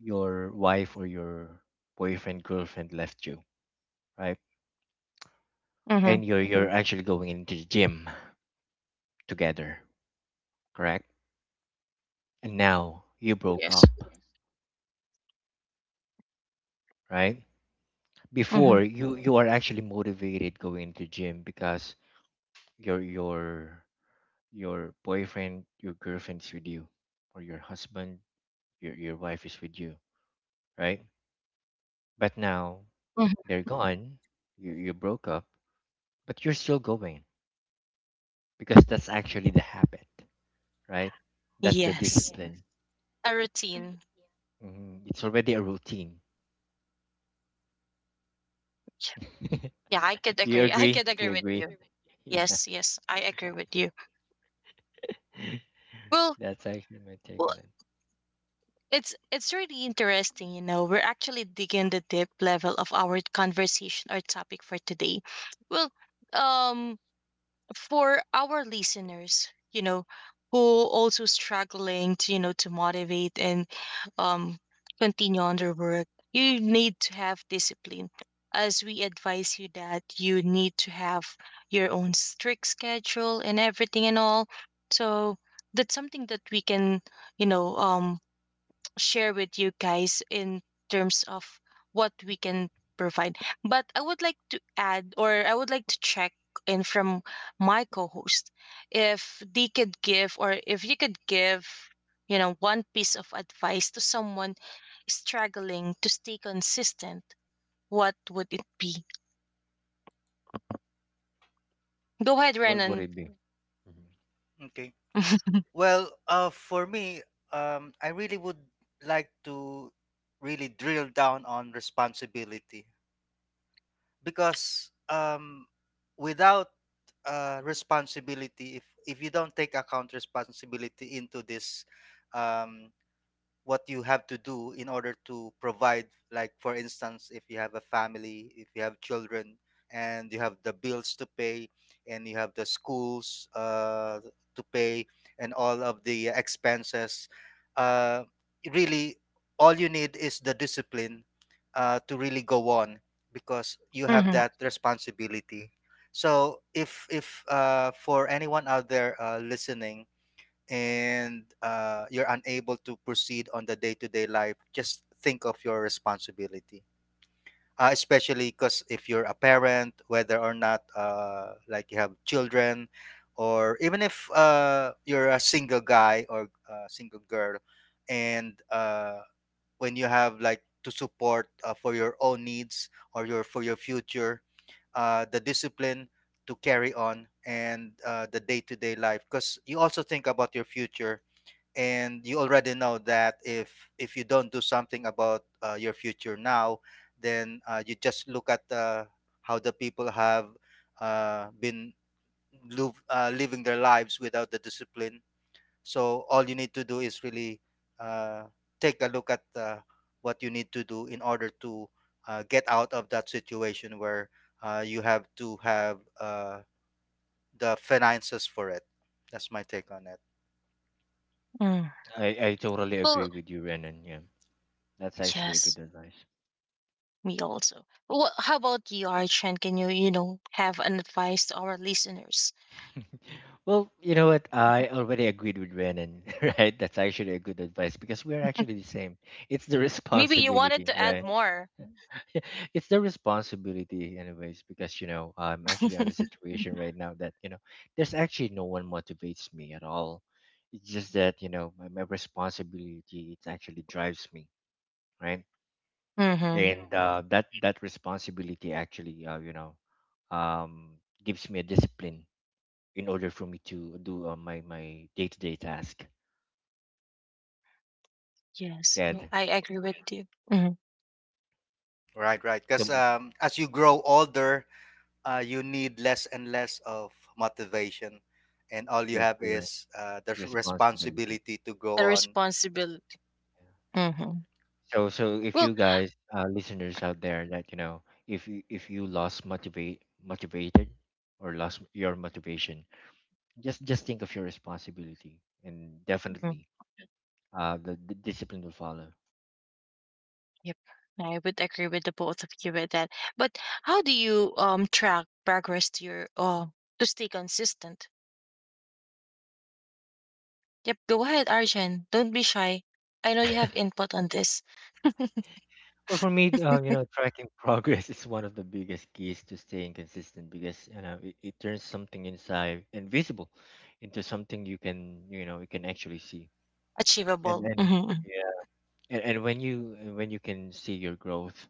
your wife or your boyfriend, girlfriend left you, right,
Hmm.
and you're you're, mm-hmm, actually going into the gym together, correct, and now you broke up,
Yes.
right. Before,
Hmm.
you you are actually motivated going into gym because your your your boyfriend, your girlfriend is with you, or your husband, your your wife is with you, right. But now
Hmm.
they're gone, you you broke up, but you're still going, because that's actually the habit, right. That's the, yes,
Yes.
discipline.
A routine.
Mhm, it's already a routine.
Yeah, I could
do you
agree. I
agree
could
do
agree
you
with
agree
you.
Yeah.
Yes, yes, I agree with you. Well,
That's actually my take
well,
on it.
it's it's really interesting. You know, we're actually digging the deep level of our conversation or topic for today. Well, um, for our listeners, you know who also struggling to you know to motivate and um continue on their work, you need to have discipline, as we advise you that you need to have your own strict schedule and everything and all, so that's something that we can you know um share with you guys in terms of what we can provide. But I would like to add, or I would like to check in from my co-host if they could give, or if you could give, you know, one piece of advice to someone struggling to stay consistent, what would it be? Go ahead,
What would
Renan.
it be? Mhm.
okay. Well, uh, for me, um, I really would like to really drill down on responsibility. Because um, without uh, responsibility, if if you don't take account responsibility into this, um, what you have to do in order to provide, like for instance, if you have a family, if you have children, and you have the bills to pay, and you have the schools uh, to pay, and all of the expenses, uh, really, all you need is the discipline uh, to really go on, because you have
Hmm.
that responsibility. So if if uh, for anyone out there uh, listening, and uh, you're unable to proceed on the day-to-day life, just think of your responsibility, uh, especially because if you're a parent, whether or not uh, like you have children, or even if uh, you're a single guy or a single girl, and uh, when you have like to support uh, for your own needs, or your for your future, uh, the discipline to carry on, and uh, the day-to-day life, because you also think about your future, and you already know that if if you don't do something about uh, your future now, then uh, you just look at uh, how the people have uh, been live, uh, living their lives without the discipline. So all you need to do is really uh, take a look at uh, what you need to do in order to uh, get out of that situation where uh, you have to have uh, the finances for it. That's my take on it.
Mm.
i i totally agree
Well,
with you, Renan, yeah. That's actually a
yes,
good advice.
me also. Well, how about you, Archan? Can you, you know, have an advice to our listeners?
Well, you know what? I already agreed with Renan, right? That's actually a good advice because we're actually the same. It's the
Maybe you wanted
responsibility,
to add
right?
more.
It's their responsibility anyways, because you know I'm actually on the situation right now that you know There's actually no one motivates me at all. It's just that you know my, my responsibility, it actually drives me, right?
Mm-hmm.
And Mm-hmm. uh, that that responsibility actually uh, you know um, gives me a discipline in order for me to do uh, my my day-to-day task.
Yes.
Yeah.
Well, I agree with you. Hmm.
Right, right,
Yes.
because
So,
um, as you grow older, uh, you need less and less of motivation, and all you
yes,
have
you're right.
is uh, the s-
Responsibility.
responsibility to go
The
on.
responsibility.
Yeah.
Hmm.
So so if
Well,
you guys, uh, listeners out there, that you know, if you if you lost motivate motivated or lost your motivation, just just think of your responsibility, and
mhm,
definitely uh, the, the discipline will follow.
yep. I would agree with the both of you with that. But how do you um track progress to your uh, to stay consistent? Yep. Go ahead, Arjun. Don't be shy. I know you have input on this.
Well, for me, um, you know, tracking progress is one of the biggest keys to staying consistent, because you know it, it turns something inside invisible into something you can, you know, you can actually see. and
Achievable.
and
Hmm.
yeah, and, and when you, and when you can see your growth,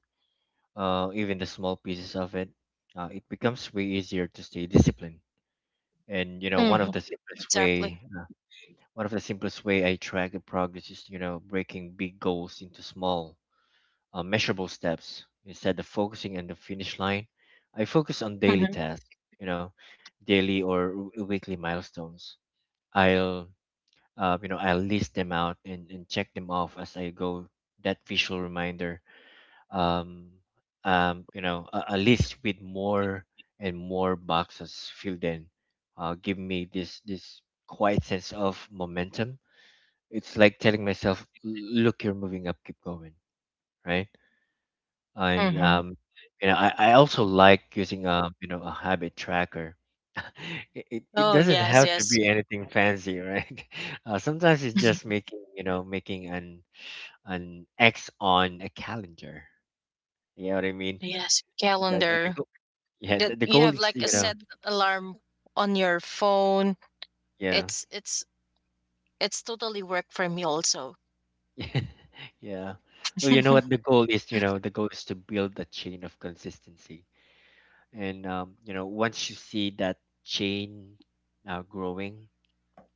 uh, even the small pieces of it, uh, it becomes way easier to stay disciplined. And you know,
Hmm.
one of the simplest
Exactly.
way, uh, one of the simplest way I track the progress is, you know, breaking big goals into small, uh, measurable steps instead of focusing on the finish line. I focus on daily
Hmm.
tasks, you know, daily or w- weekly milestones. I'll uh, you know I'll list them out and, and check them off as I go. That visual reminder, um, um, you know, a, a list with more and more boxes filled in, uh, give me this this quiet sense of momentum. It's like telling myself, "L- Look, you're moving up. Keep going." Right? And
Hmm.
um, you know, I, I also like using um, you know, a habit tracker. it, it it
Oh
doesn't
yes,
have to
yes.
be anything fancy, right? Uh, sometimes it's just making, you know, making an an X on a calendar. You know what I mean?
Yes,
The, the,
calendar,
the yeah,
that
the, the
you
goal
have
is,
like a
you know,
set alarm on your phone.
yeah.
It's it's it's totally work for me also.
Yeah. Well, you know
Hmm.
what the goal is, you know, the goal is to build a chain of consistency. And um, you know, once you see that chain now growing,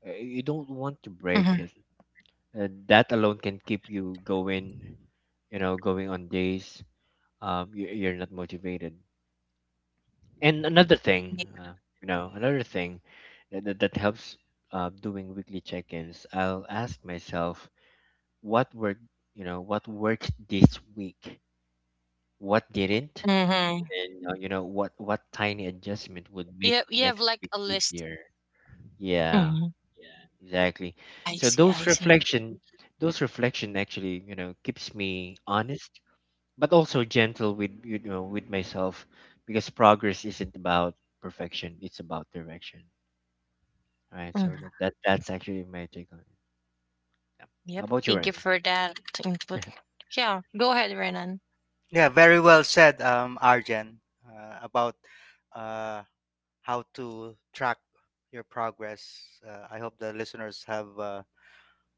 uh, you don't want to break
Hmm.
it. Uh, that alone can keep you going, you know, going on days um you, you're not motivated. And another thing, uh, you know, another thing that that, that helps, uh, doing weekly check-ins, I'll ask myself what worked, you know what worked this week, what didn't, and uh, you know what what tiny adjustment would
You
make
have, you have
next
like
week
a list.
easier. Yeah,
Hmm. Yeah.
exactly.
I
so
see, I
those
see.
reflection those reflection actually, you know, keeps me honest, but also gentle with, you know, with myself, because progress isn't about perfection, it's about direction. All right, so that,
Hmm.
that that's actually my take on it, yeah. How
Yep.
about you,
Thank you
Ryan?
for that input. Yeah, go ahead, Renan.
Yeah, very well said, um, Arjen, uh, about uh, how to track your progress. uh, I hope the listeners have uh,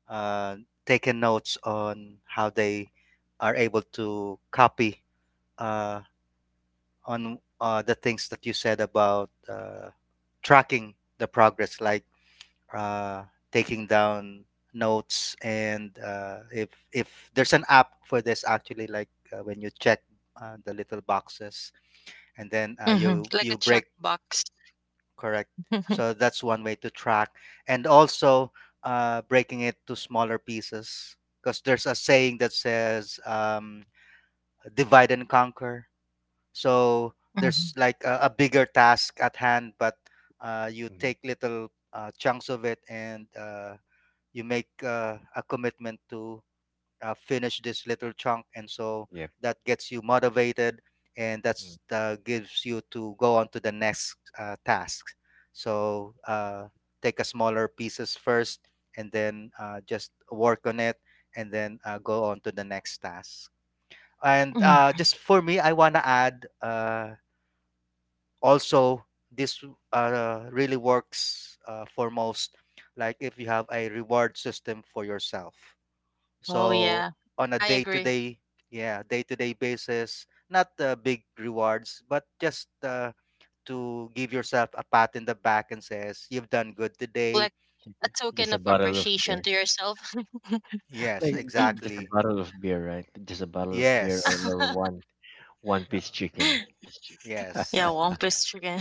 uh, taken notes on how they are able to copy uh, on uh, the things that you said about uh, tracking the progress, like uh, taking down notes, and uh, if if there's an app for this actually, like uh, when you check uh, the little boxes, and then uh,
Hmm.
you
Like a
you break.
checkbox.
Correct. So that's one way to track. And also, uh, breaking it to smaller pieces, because there's a saying that says, um, divide and conquer. So there's
Mhm.
like a, a bigger task at hand, but uh, you
Mm,
take little uh, chunks of it, and uh, you make uh, a commitment to uh, finish this little chunk. And so
yep.
that gets you motivated, and
Mm.
that's uh, gives you to go on to the next uh, task. So uh, take a smaller pieces first, and then uh, just work on it, and then uh, go on to the next task. And uh,
Mm.
just for me, I want to add uh, also this uh, really works uh, for most, like if you have a reward system for yourself.
Oh
So
yeah,
on a
I
day to
agree.
day, yeah, day to day basis, not uh, big rewards, but just uh, to give yourself a pat in the back and says you've done good
Like
today.
a
Just
token
a
of
bottle of
appreciation
beer.
to yourself.
Yes,
Like just just a
exactly.
bottle of beer, right? Just a bottle of beer, or,
Yes,
or one one
yeah,
piece chicken.
Yeah,
yes, yeah.
Wampus chicken.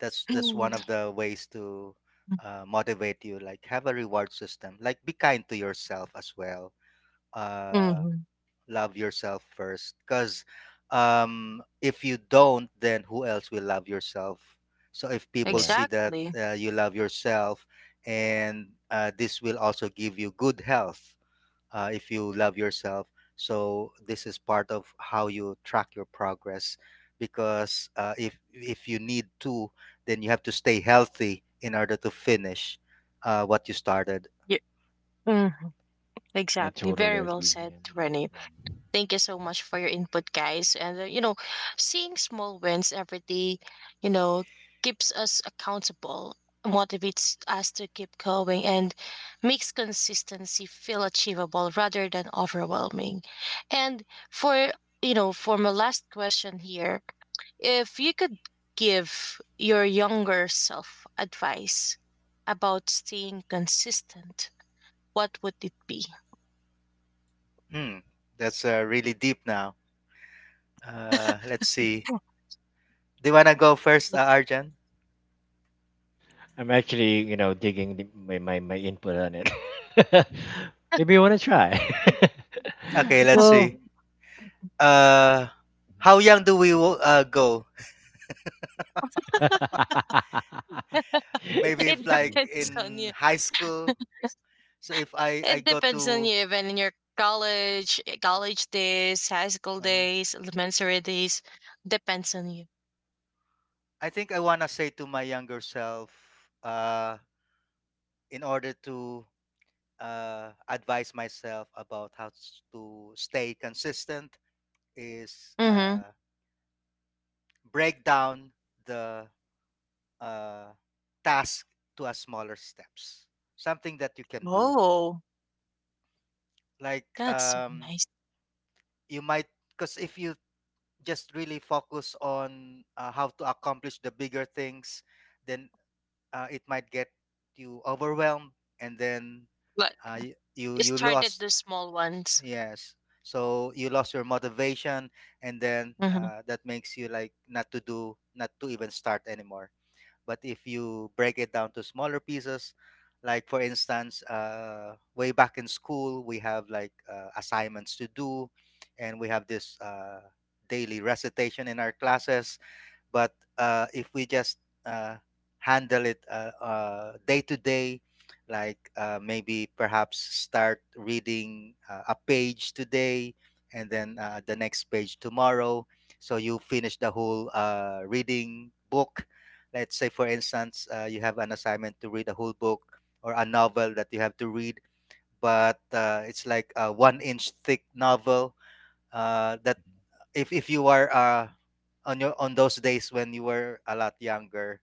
That's that's one of the ways to uh, motivate you. Like have a reward system. Like be kind to yourself as well. Uh,
Hmm.
Love yourself first, because um if you don't, then who else will love yourself? So if people
Yeah,
see that
Exactly.
uh, you love yourself, and uh, this will also give you good health uh, if you love yourself. So this is part of how you track your progress, because uh, if if you need to, then you have to stay healthy in order to finish uh, what you started.
Yeah. Mm,
I
exactly.
totally
Very well
agree.
said,
Yeah.
Renee.
Mhm.
Thank you so much for your input, guys. And, uh, you know, seeing small wins every day, you know, keeps us accountable, motivates us to keep going, and makes consistency feel achievable rather than overwhelming. And for, you know, for my last question here, if you could give your younger self advice about staying consistent, what would it be?
Hmm, that's uh, really deep now. Uh, let's see. Do you wanna go first, uh, Arjan?
I'm actually, you know, digging the, my, my my input on it. Maybe you want to try.
Okay, let's see.
Well,
Uh, how young do we wo- uh, go?
Mhm.
Maybe
It
if like
depends on
in
you.
high school. So if I I
It
go
depends on
to,
you, even in your college, eh, college days, high school
uh,
days, elementary days. Depends on you.
I think I wanna say to my younger self, uh, in order to uh advise myself about how s- to stay consistent is
Mm-hmm.
uh break down the uh task to a smaller steps. Something that you can do
Oh,
like
that's
um,
nice.
you might, because if you just really focus on uh, how to accomplish the bigger things, then uh, it might get you overwhelmed, and then
But
uh, y- you
it
you
started
lost.
the small ones.
Yes, so you lost your motivation, and then
Hmm.
uh, that makes you like not to do, not to even start anymore. But if you break it down to smaller pieces, like for instance, uh, way back in school, we have like uh, assignments to do, and we have this uh, daily recitation in our classes. But uh, if we just uh, handle it uh, uh, day to day, like uh, maybe perhaps start reading uh, a page today, and then uh, the next page tomorrow, so you finish the whole uh, reading book. Let's say for instance, uh, you have an assignment to read a whole book, or a novel that you have to read, but uh, it's like a one inch thick novel uh, that if, if you are uh, on your, on those days when you were a lot younger,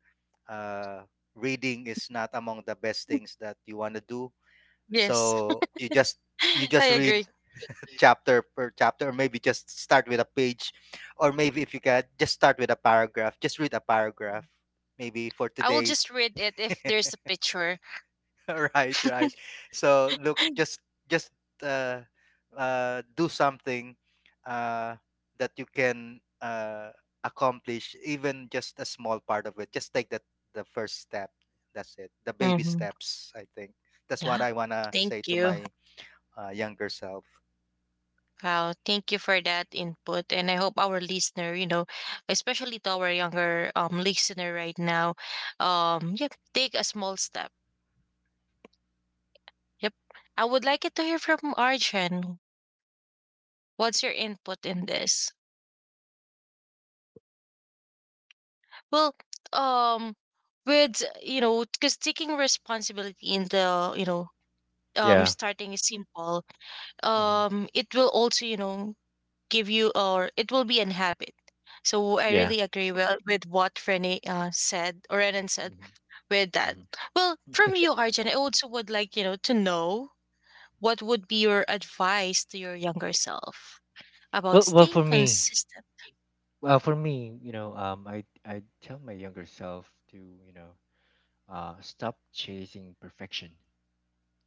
uh reading is not among the best things that you want to do.
Yes,
So you just you
I
just read
agree.
chapter per chapter, or maybe just start with a page, or maybe if you can just start with a paragraph, just read a paragraph maybe for
I will
today.
just read it if there's a picture.
Right, right. So look, just just uh, uh, do something uh, that you can uh, accomplish, even just a small part of it. Just take that the first step. That's it, the baby
Mm-hmm.
steps, I think. That's what
Yeah.
I want to
Thank
say to
you.
my uh, younger self.
Wow. Thank you for that input. And I hope our listener, you know, especially to our younger um listener right now, um, yep, take a small step. Yep. I would like it to hear from Arjun. What's your input in this? Well, um, with you know, because taking responsibility in the you know, um,
yeah,
starting is simple.
Mhm.
Um, it will also you know give you, or it will be an habit. So I
yeah.
really agree well with what Renee uh, said, or Renan said
Mhm.
with that.
Mhm.
Well, from you, Arjun, I also would like you know to know what would be your advice to your younger self about
Well, well,
staying
for me,
consistent.
well, for me, you know, um, I I tell my younger self to, you know, uh stop chasing perfection,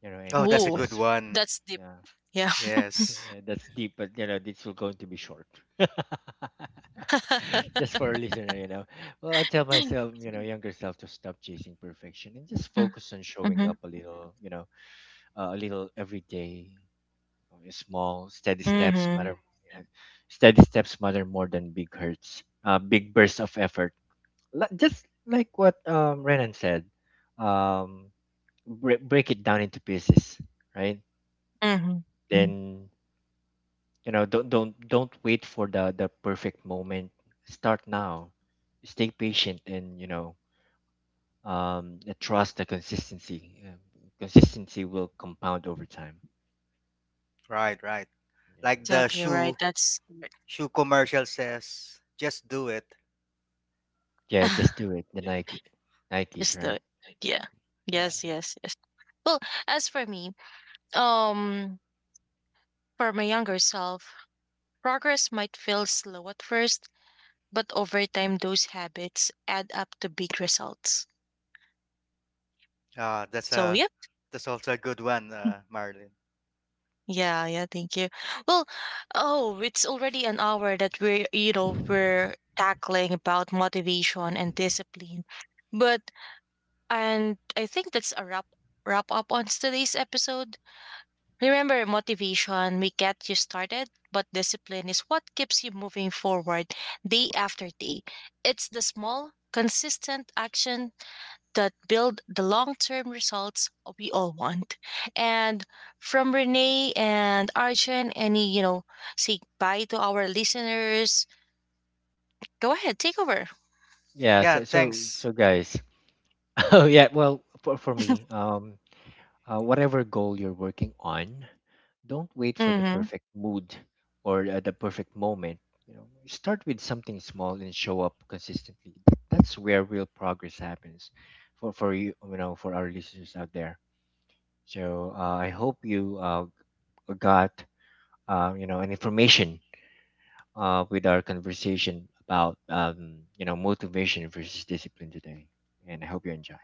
you know,
Oh,
and
that's a
and
Oh,
good
just
one.
that's deep.
yeah.
Yeah.
Yes,
Yeah, that's deep, but you know, this will going to be short. Just for a listener, you know, well, I tell myself, you know, younger self, to stop chasing perfection and just focus on showing
Mhm.
up a little, you know, uh, a little every day. Only small steady steps
Mhm.
matter. Yeah, steady steps matter more than big hurts, uh, big bursts of effort. Li- just like what um Renan said. um bre- break it down into pieces, right? Mhm.
Mhm.
Then, you know, don't don't don't wait for the the perfect moment. Start now, stay patient, and you know, um uh, trust the consistency. Uh, consistency will compound over time.
right, right.
Yeah,
Like the
Exactly right.
shoe
That's correct.
shoe commercial says, just do it.
yeah, just do it, the Nike, Nikes,
Just
right?
the yeah.
Yeah.
Yes,
Mm-hmm.
yes, yes. Well, as for me, um, for my younger self, progress might feel slow at first, but over time, those habits add up to big results.
Ah, that's
So,
a,
yeah.
that's also a good one, uh, Marlin.
Yeah, yeah, thank you. Well, oh, it's already an hour that we're, you know, we're tackling about motivation and discipline. But And I think that's a wrap wrap up on today's episode. Remember, motivation may get you started, but discipline is what keeps you moving forward day after day. It's the small, consistent action that build the long-term results we all want. And from Renee and Arjun, any you know, say bye to our listeners. Go ahead, take over.
Yeah,
Yeah,
so so so
thanks.
guys, oh yeah, well for, for me, um uh, whatever goal you're working on, don't wait for the
Mm-hmm.
perfect mood or uh, the perfect moment. You know, start with something small and show up consistently. Th- That's where real progress happens. For for you, you know, for our listeners out there. So uh, I hope you uh, got uh, you know, an information uh, with our conversation about um, you know, motivation versus discipline today. And I hope you enjoy.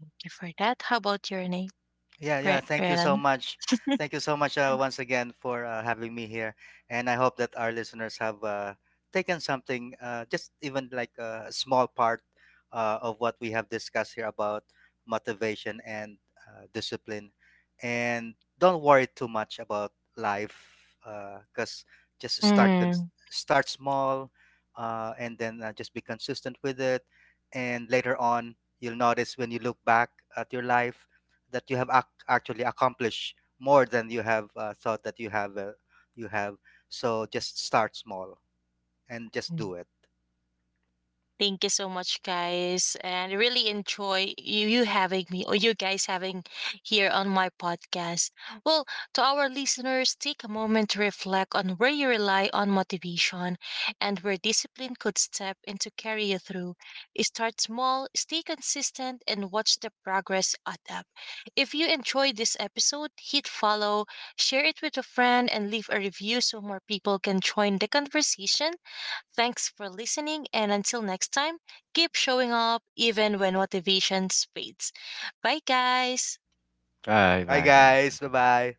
Thank you for that. How about your name,
Yeah, yeah. Thank you so
Renan?
much. Thank you so much uh, once again for uh, having me here. And I hope that our listeners have uh, taken something, uh, just even like a small part uh, of what we have discussed here about motivation and uh, discipline. And don't worry too much about life, because just start, cons-
Mm.
start small uh, and then uh, just be consistent with it. And later on, you'll notice, when you look back at your life, that you have ac- actually accomplished more than you have uh, thought that you have uh, you have. So just start small and just
I
do it.
Thank you so much, guys, and I really enjoy you, you having me, or you guys having here on my podcast. Well, to our listeners, take a moment to reflect on where you rely on motivation and where discipline could step in to carry you through. Start small, stay consistent, and watch the progress add up. If you enjoyed this episode, hit follow, share it with a friend, and leave a review so more people can join the conversation. Thanks for listening, and until next time, keep showing up even when motivation fades. Bye, guys.
Bye
Bye
bye guys.
guys, bye bye.